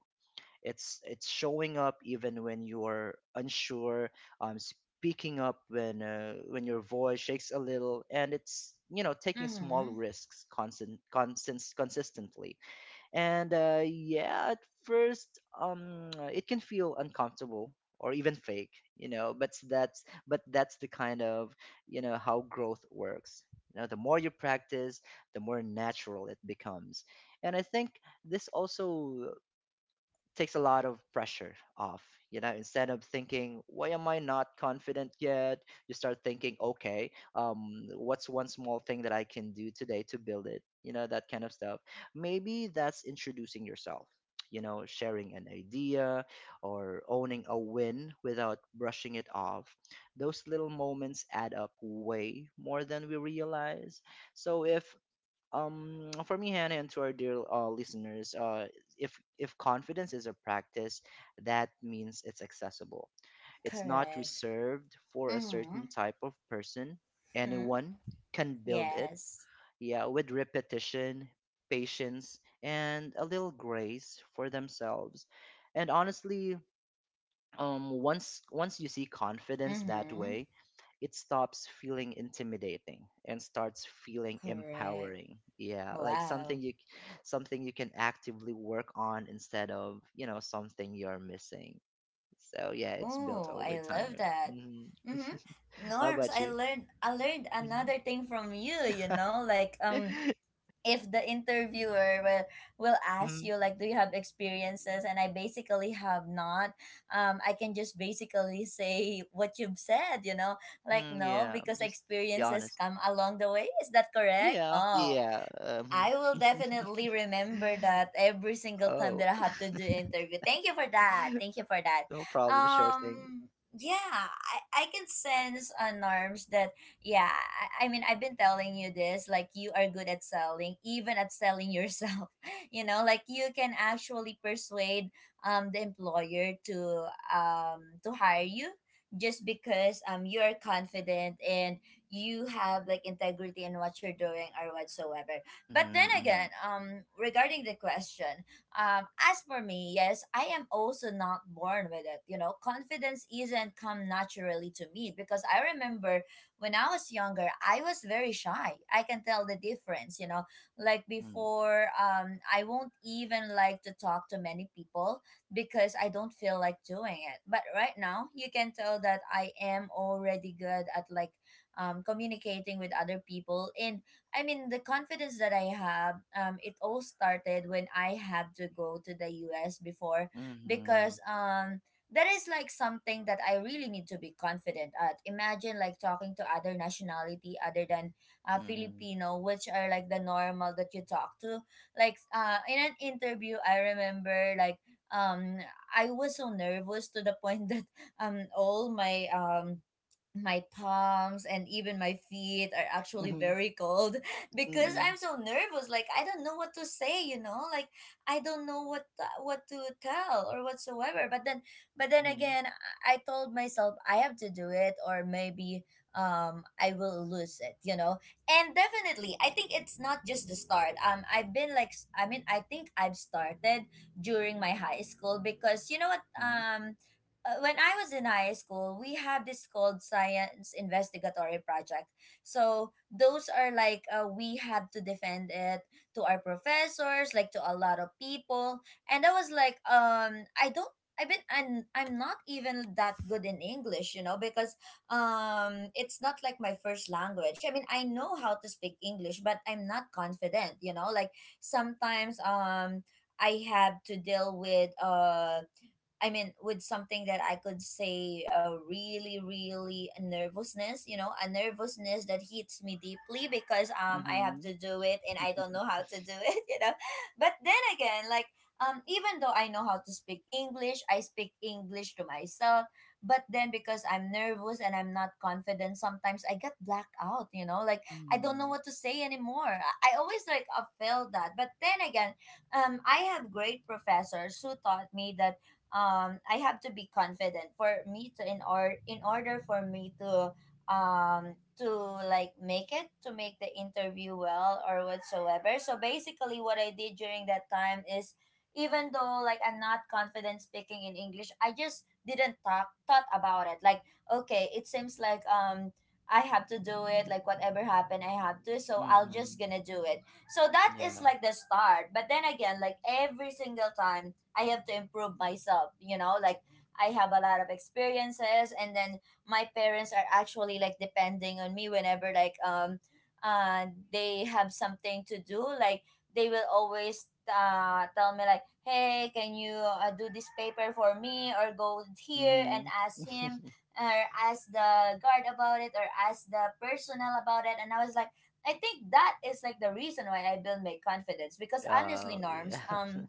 B: It's showing up even when you're unsure, speaking up when your voice shakes a little, and it's, you know, taking small
A: Mm-hmm.
B: risks constant consistently. And Yeah, at first, it can feel uncomfortable or even fake, you know. But that's the kind of, you know, how growth works. You know, the more you practice, the more natural it becomes. And I think this also takes a lot of pressure off. You know, instead of thinking, why am I not confident yet? You start thinking, okay, what's one small thing that I can do today to build it? You know, that kind of stuff. Maybe that's introducing yourself, you know, sharing an idea, or owning a win without brushing it off. Those little moments add up way more than we realize. So if for me, Hannah, and to our dear listeners, if confidence is a practice, that means it's accessible. It's not
A: Correct.
B: reserved for a
A: Mm-hmm.
B: certain type of person.
A: Hmm.
B: Anyone can build it,
A: Yes.
B: yeah, with repetition, patience, and a little grace for themselves. And honestly, once you see confidence that
A: Mm-hmm.
B: way, it stops feeling intimidating and starts feeling
A: Correct.
B: empowering. Yeah, like
A: Wow.
B: something you can actively work on instead of, you know, something you're missing. So yeah, it's built
A: Oh,
B: over
A: I love
B: time.
A: that.
B: Hmm.
A: Mm-hmm.
B: How
A: Norms,
B: about
A: I
B: you?
A: learned I learned
B: Hmm.
A: another thing from you, you know, like if the interviewer will ask
B: Hmm.
A: you like, do you have experiences, and I basically have not, I can just basically say what you've said, you know. Like
B: Hmm.
A: no,
B: Yeah,
A: because
B: just be
A: experiences
B: honest.
A: come along the way. Is that correct?
B: Yeah,
A: Oh,
B: yeah,
A: I will definitely remember that every single time
B: oh,
A: that I have to do interview. Thank you for that. Thank you for that.
B: no problem, sure thing.
A: Um yeah, I can sense, Norms, that yeah, I mean I've been telling you this, like you are good at selling, even at selling yourself. You know, like you can actually persuade the employer to hire you just because you are confident and you have like integrity in what you're doing or whatsoever. But then again,
B: Hmm.
A: regarding the question, as for me, yes, I am also not born with it. You know, confidence isn't come naturally to me, because I remember when I was younger, I was very shy. I can tell the difference. You know, like
B: Mhm.
A: before, I won't even like to talk to many people because I don't feel like doing it. But right now, you can tell that I am already good at like communicating with other people. And I mean, the confidence that I have, it all started when I had to go to the US before, because
B: Mhm.
A: that is like something that I really need to be confident at. Imagine like talking to other nationality other than
B: Mhm.
A: Filipino, which are like the normal that you talk to. Like in an interview, I remember like um, I was so nervous to the point that all my my palms and even my feet are actually
B: Mhm.
A: very cold because I'm
B: Mm.
A: so nervous. Like I don't know what to say, you know. Like I don't know what to tell or whatsoever. But then again, I told myself I have to do it, or maybe I will lose it, you know. And definitely, I think it's not just the start. I've been like, s- I mean, I think I've started during my high school, because you know what?
B: Mhm. Mhm.
A: When I was in high school, we have this called science investigatory project. So those are like we have to defend it to our professors, like to a lot of people. And I was like, I don't. I'm not even that good in English, you know, because it's not like my first language. I mean, I know how to speak English, but I'm not confident, you know. Like sometimes I have to deal with with something that I could say a really, really nervousness, you know, a nervousness that hits me deeply because I have
B: Mhm.
A: to do it and I don't know how to do it, you know. But then again, like even though I know how to speak English, I speak English to myself. But then because I'm nervous and I'm not confident, sometimes I get blacked out, you know. Like I don't know
B: Mhm.
A: what to say anymore. I always like felt that. But then again, I have great professors who taught me that I have to be confident for me to in or in order for me to um to like make it to make the interview well or whatsoever. So basically what I did during that time is even though like I'm not confident speaking in English, I just didn't talk thought about it. Like, okay, it seems like I have to do it, like whatever happened, I have to, so I'll just gonna do it. So that
B: Mhm.
A: is
B: Yeah.
A: like the start. But then again, like every single time I have to improve myself, you know, like I have a lot of experiences, and then my parents are actually like depending on me whenever like uh they have something to do, like they will always tell me like, "Hey, can you do this paper for me, or go here and
B: Mhm.
A: ask him or ask the guard about it or ask the personnel about it." And I was like, I think that is like the reason why I build my confidence, because honestly,
B: Oh, yeah.
A: norms,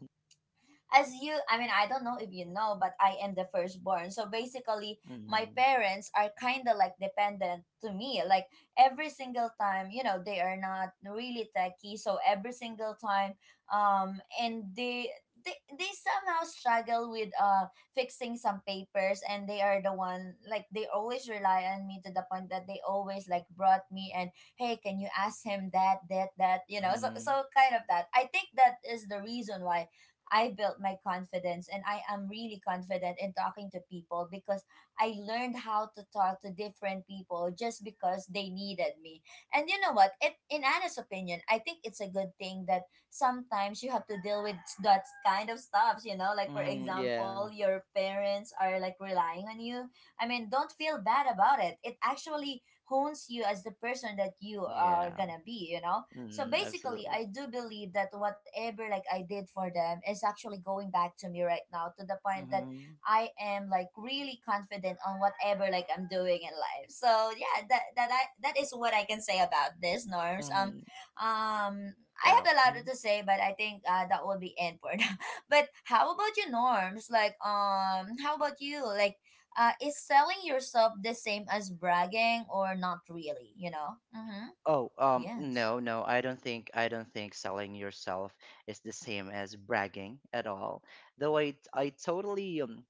A: as you I mean, I don't know if you know, but I am the firstborn, so basically my
B: Mhm.
A: parents are kind of like dependent to me, like every single time, you know, they are not really techie, so every single time and they somehow struggle with fixing some papers, and they are the one, like they always rely on me to the point that they always like brought me and, hey, can you ask him that, you know, so
B: Mhm.
A: so kind of that, I think that is the reason why I built my confidence, and I am really confident in talking to people because I learned how to talk to different people just because they needed me. And you know what? It in Anna's opinion, I think it's a good thing that sometimes you have to deal with that kind of stuff, you know, like for
B: Mhm.
A: example,
B: Yeah.
A: your parents are like relying on you. I mean, don't feel bad about it. It actually hones you as the person that you are
B: Yeah.
A: gonna be, you know? So
B: Mhm.
A: basically,
B: Absolutely.
A: I do believe that whatever like I did for them is actually going back to me right now to the point that
B: Mhm.
A: I am like really confident on whatever like I'm doing in life. So yeah, that is what I can say about this, norms.
B: Mhm.
A: I have
B: Wow.
A: a lot to say, but I think that will be it for now. But how about you, norms? Like how about you? Like, is selling yourself the same as bragging or not really? You know? Mm-hmm.
B: Oh,
A: Yes.
B: no, I don't think selling yourself is the same as bragging at all. Though I totally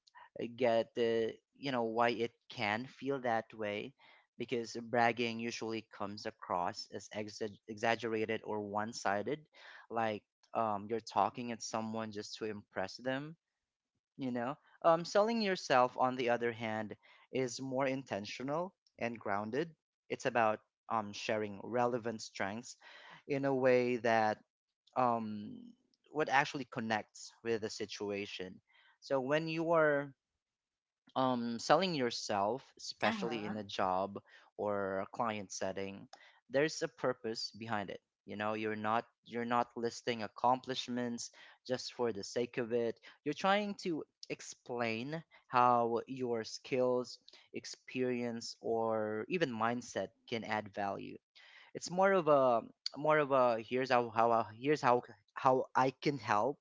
B: get, you know, why it can feel that way, because bragging usually comes across as exaggerated or one-sided, like, you're talking at someone just to impress them, you know. Um, selling yourself, on the other hand, is more intentional and grounded. It's about sharing relevant strengths in a way that um, what actually connects with the situation. So when you are selling yourself,
A: Uh
B: especially
A: huh.
B: in a job or a client setting, there's a purpose behind it. You know, you're not listing accomplishments just for the sake of it. You're trying to explain how your skills, experience, or even mindset can add value. It's more of a, here's here's how I can help,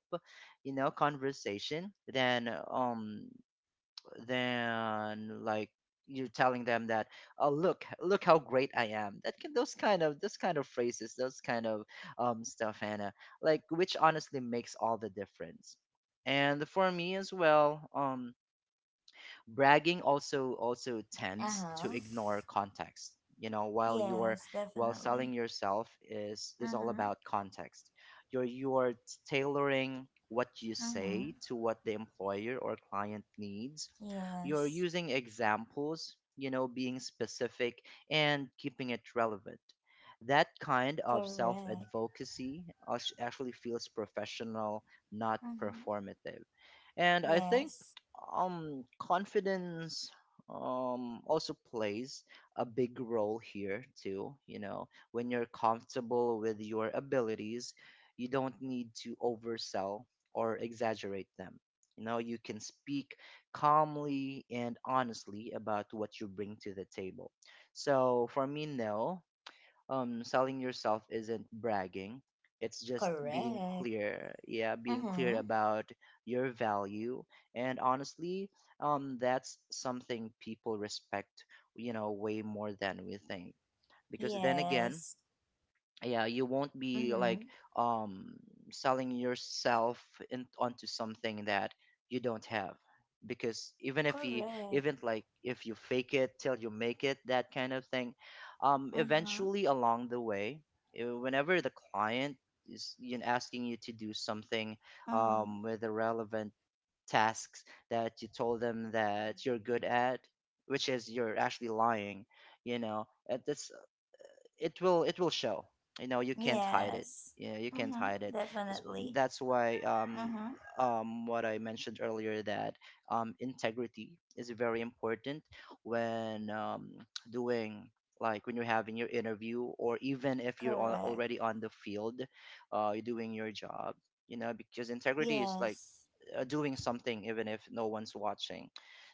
B: you know, conversation than, than, like, you're telling them that, oh, look how great I am. That can, those kind of phrases, those kind of stuff, Hannah, like, which honestly makes all the difference. And for me as well, bragging also
A: Uh
B: tends to
A: huh.
B: ignore context, you know, while you're,
A: Yes,
B: while selling
A: definitely.
B: yourself
A: Uh
B: is all
A: huh.
B: about context. You're tailoring what you
A: Uh huh.
B: say to what the employer or client needs. You're
A: Yes.
B: using examples, you know, being specific and keeping it relevant. That kind of self
A: Correct.
B: advocacy actually feels professional, not
A: Uh huh.
B: performative. And I think
A: Yes.
B: confidence also plays a big role here too. You know, when you're comfortable with your abilities, you don't need to oversell or exaggerate them. You know, you can speak calmly and honestly about what you bring to the table. So for me, no, selling yourself isn't bragging, it's just being
A: Correct.
B: clear. Yeah,
A: Uh
B: being clear
A: huh.
B: about your value. And honestly, that's something people respect, you know, way more than we think. Because then again,
A: Yes.
B: yeah, you won't
A: Uh
B: be
A: huh.
B: like, um selling yourself onto something that you don't have. Because
A: Correct.
B: even like if you fake it till you make it, that kind of thing,
A: Uh huh.
B: eventually, along the way, whenever the client is, you know, asking you to do something
A: Uh huh.
B: with the relevant tasks that you told them that you're good at, which is you're actually lying, you know, at this, it will show, you know, you can't hide it.
A: Yes.
B: Yeah, you
A: Uh
B: can't
A: huh.
B: hide it. That's
A: Definitely.
B: that's why,
A: Uh huh.
B: what I mentioned earlier, that integrity is very important when doing, like, when you're having your interview, or even if you're
A: Correct.
B: already on the field, you're doing your job, you know, because integrity is like
A: Yes.
B: doing something even if no one's watching.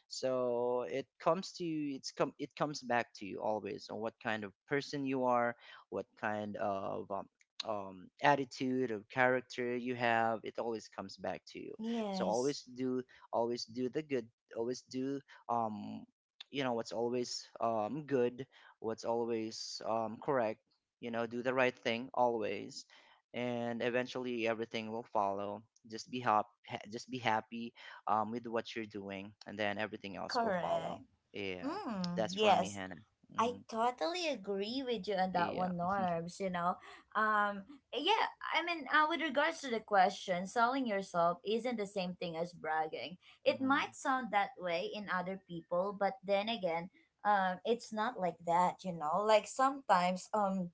B: So it comes to, it comes back to you always, on what kind of person you are, what kind of attitude or character you have. It always comes back to you. So
A: Yes.
B: always do the good. Always do um you know what's always good, what's always correct, you know, do the right thing always, and eventually everything will follow. Just be just be happy with what you're doing, and then everything else will follow.
A: Correct.
B: Yeah,
A: Mm.
B: that's for me,
A: Yes.
B: Hannah.
A: I
B: Hmm.
A: totally agree with you on that
B: Yeah.
A: one, Norbs. You know, um, yeah, I mean, with regards to the question, selling yourself isn't the same thing as bragging. It might
B: Hmm.
A: sound that way in other people, but then again, it's not like that. You know, like sometimes,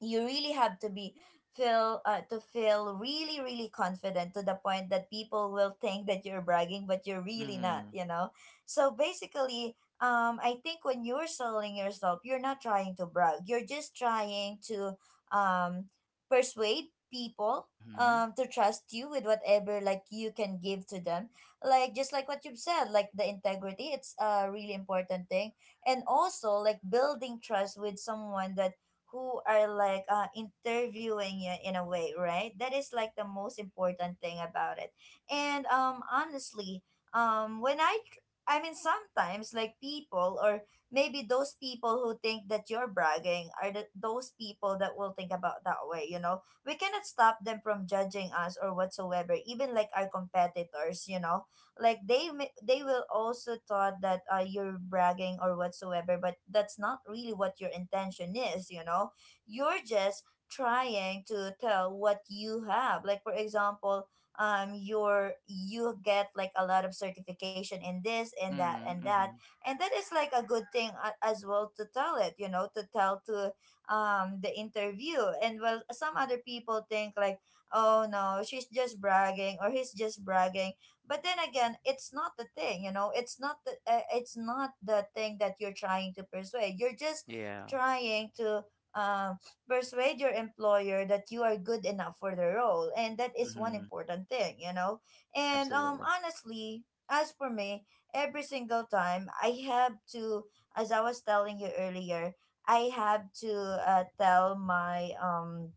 A: you really have to be feel to feel really, really confident to the point that people will think that you're bragging, but you're really not, you know, so basically, I think when you're selling yourself, you're not trying to brag, you're just trying to um persuade people,
B: Hmm. Hmm.
A: to trust you with whatever like you can give to them, like just like what you've said, like the integrity, it's a really important thing, and also like building trust with someone that who are like interviewing you in a way, right? That is like the most important thing about it. And honestly, um, when I, tr- I mean, sometimes like people, or maybe those people who think that you're bragging are those people that will think about that way. You know, we cannot stop them from judging us or whatsoever. Even like our competitors, you know, like they will also thought that you're bragging or whatsoever, but that's not really what your intention is, you know, you're just trying to tell what you have, like for example, you get like a lot of certification in this and that
B: Hmm.
A: and that,
B: Hmm.
A: and that is like a good thing, as well, to tell it, you know, to tell to the interview, and well, some other people think like, oh no, she's just bragging or he's just bragging, but then again, it's not the thing, you know, it's not the thing that you're trying to persuade, you're just
B: Yeah.
A: trying to um, persuade your employer that you are good enough for the role, and that is one
B: Hmm.
A: important thing, you know, and
B: Absolutely.
A: honestly, as for me, every single time I have to, as I was telling you earlier, I have to tell my um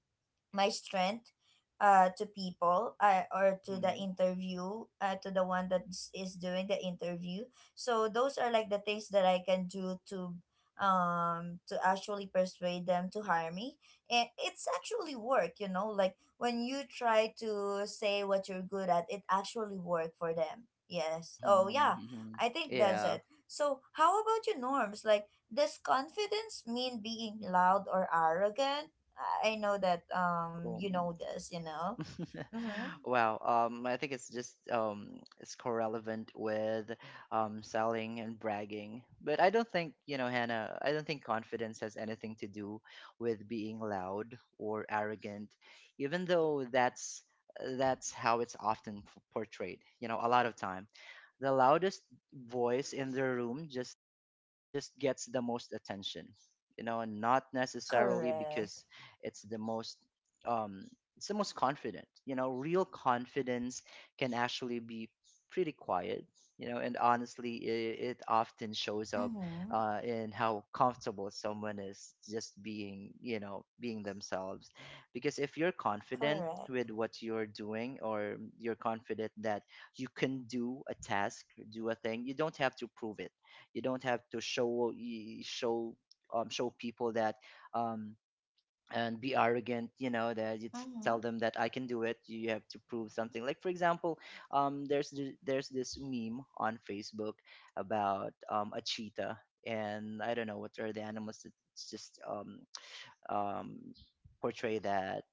A: my strength to people, or to the
B: Hmm.
A: interview, to the one that is doing the interview, so those are like the things that I can do to actually persuade them to hire me, and it's actually work, you know, like when you try to say what you're good at, it actually work for them.
B: Hmm.
A: Yes. Oh yeah.
B: Hmm.
A: I think that's
B: Yeah.
A: it. So how about your, norms? Like, does confidence mean being loud or arrogant? I know that,
B: Cool.
A: you know this, you know. Mhm.
B: Wow, I think it's just it's correlevant with selling and bragging. But I don't think, you know, Hannah, I don't think confidence has anything to do with being loud or arrogant, even though that's how it's often portrayed, you know, a lot of time. The loudest voice in the room just gets the most attention, you know, not necessarily
A: Correct.
B: because it's the most um it's the most confident, you know. Real confidence can actually be pretty quiet, you know, and honestly, it often shows up
A: Mhm.
B: in how comfortable someone is, just being, you know, being themselves. Because if you're confident
A: Correct.
B: with what you're doing, or you're confident that you can do a task, do a thing, you don't have to prove it. You don't have to show show people that, um, and be arrogant, you know, that you
A: Mhm.
B: tell them that I can do it. You have to prove something, like, for example, there's there's this meme on Facebook about, a cheetah, and I don't know what are the animals that, it's just, um, portray that,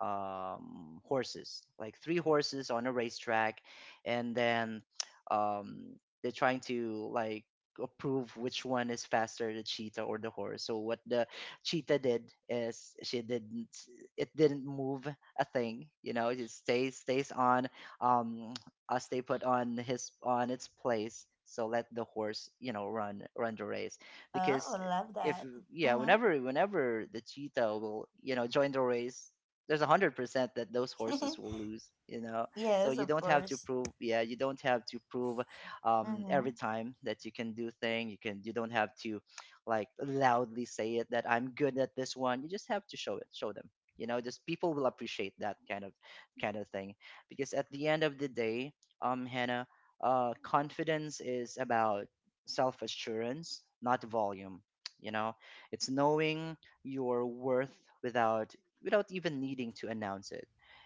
B: horses, like three horses on a racetrack, and then um, they're trying to, like, approve which one is faster, the cheetah or the horse. So what the cheetah did is, she didn't, it didn't move a thing. You know, it just stays on. Um, Stay put on his on its place. So let the horse, you know, run the race. Because
A: Oh, love
B: if
A: that.
B: yeah,
A: Mhm.
B: whenever the cheetah will, you know, join the race, there's 100% that those horses will lose, you know. So
A: Yes,
B: you
A: of
B: don't have to
A: course.
B: prove, yeah, you don't have to prove, every
A: Mhm.
B: time that you can do thing, you don't have to, like, loudly say it that I'm good at this one. You just have to show it, show them, you know. Just, people will appreciate that kind of, kind of thing. Because at the end of the day, Hannah, confidence is about self assurance, not volume, you know. It's knowing your worth without, without even needing to announce it.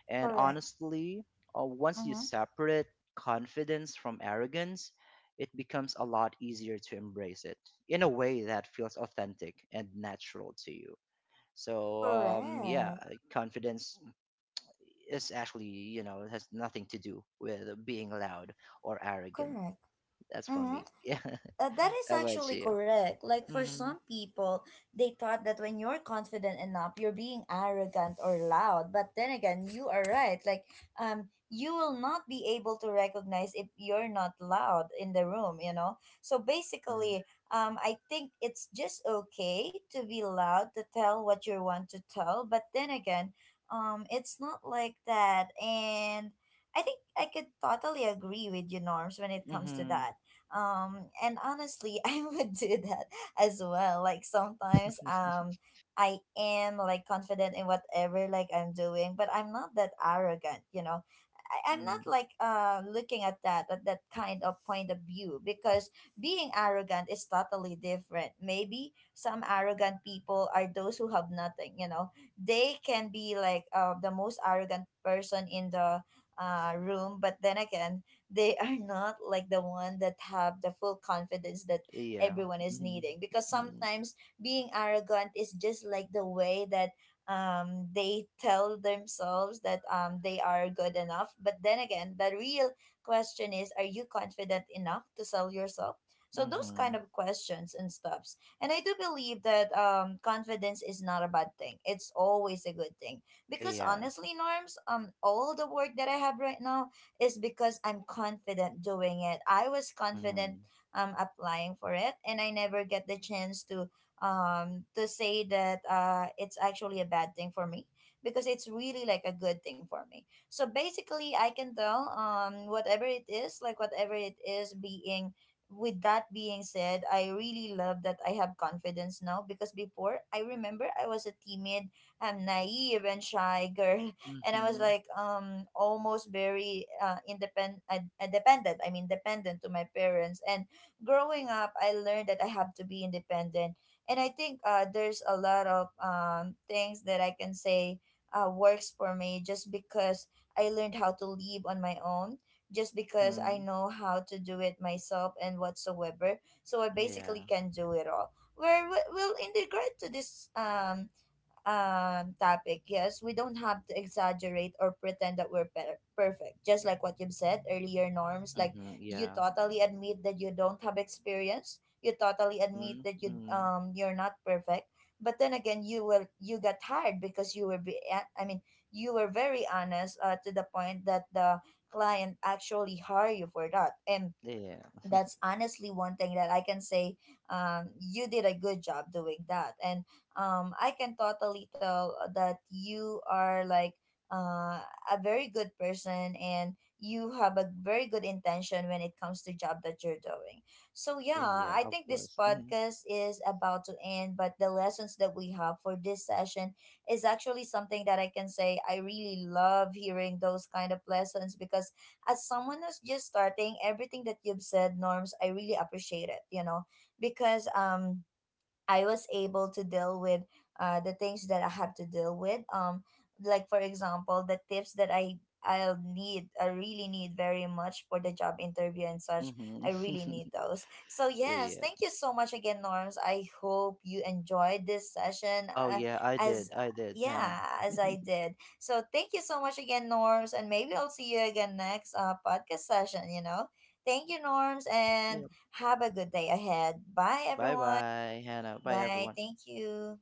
B: And
A: Correct.
B: honestly, once you
A: Mhm.
B: separate confidence from arrogance, it becomes a lot easier to embrace it in a way that feels authentic and natural to you. So, yeah,
A: Correct.
B: confidence is actually, you know, it has nothing to do with being loud or arrogant.
A: Correct.
B: That's for me.
A: Mhm.
B: Yeah.
A: That is
B: How about
A: actually
B: you?
A: correct. Like for some
B: Mm-hmm.
A: people, they thought that when you're confident enough, you're being arrogant or loud. But then again, you are right. Like, you will not be able to recognize if you're not loud in the room, you know? So
B: Mm-hmm.
A: basically, I think it's just okay to be loud to tell what you want to tell, but then again, it's not like that, and I think I could totally agree with you, Norms, when it comes to
B: Mm-hmm.
A: that, and honestly, I would do that as well. Like sometimes, I am like confident in whatever like I'm doing, but I'm not that arrogant, you know. I'm not
B: Mm,
A: like looking at that kind of point of view, because being arrogant is totally different. Maybe some arrogant people are those who have nothing, you know. They can be like the most arrogant person in the room, but then again, they are not like the one that have the full confidence that
B: yeah.
A: everyone is
B: Mm-hmm.
A: needing, because
B: Mm-hmm.
A: sometimes being arrogant is just like the way that they tell themselves that they are good enough, but then again, the real question is, are you confident enough to sell yourself? So those kind
B: Mhm.
A: of questions and stuffs, and I do believe that confidence is not a bad thing, it's always a good thing, because
B: Yeah.
A: honestly, norms, all the work that I have right now is because I'm confident doing it. I was confident
B: Mhm.
A: applying for it, and I never get the chance to say that it's actually a bad thing for me, because it's really like a good thing for me. So basically I can tell whatever it is, like whatever it is being. With that being said, I really love that I have confidence now, because before, I remember I was a timid, naive, and shy girl, and I was
B: Mhm.
A: like almost very independent dependent, I mean dependent to my parents, and growing up I learned that I have to be independent, and I think there's a lot of things that I can say works for me, just because I learned how to live on my own, just because I
B: Mhm.
A: know how to do it myself and whatsoever, so I
B: Yeah.
A: basically can do it all. Where we'll integrate to this topic, yes, we don't have to exaggerate or pretend that we're perfect, just like what you've said earlier, norms, like
B: Mhm.
A: you
B: Yeah.
A: totally admit that you don't have experience, you totally admit
B: Mhm.
A: that
B: Mm.
A: you're not perfect, but then again, you got hired because you were be, a- I mean, you were very honest, to the point that the client actually hire you for that, and
B: Yeah.
A: that's honestly one thing that I can say, you did a good job doing that. And I can totally tell that you are like uh, a very good person, and you have a very good intention when it comes to job that you're doing. So yeah,
B: Yeah. Yeah.
A: I
B: Of
A: think this
B: course. Mhm.
A: podcast is about to end, but the lessons that we have for this session is actually something that I can say, I really love hearing those kind of lessons, because as someone who's just starting, everything that you've said, Norms, I really appreciate it, you know, because I was able to deal with the things that I have to deal with. Like for example, the tips that I'll need, I really need very much for the job interview and such.
B: Mhm.
A: I really need those. So yes,
B: Yeah.
A: thank you so much again, Norms. I hope you enjoyed this session,
B: Oh yeah. I
A: as,
B: did. I did, Hannah.
A: yeah, as I did. So thank you so much again, Norms, and maybe I'll see you again next podcast session. You know, thank you, Norms, and
B: Yeah.
A: have a good day ahead. Bye,
B: Bye
A: everyone.
B: bye, Hannah. Bye
A: Bye.
B: everyone.
A: Thank you.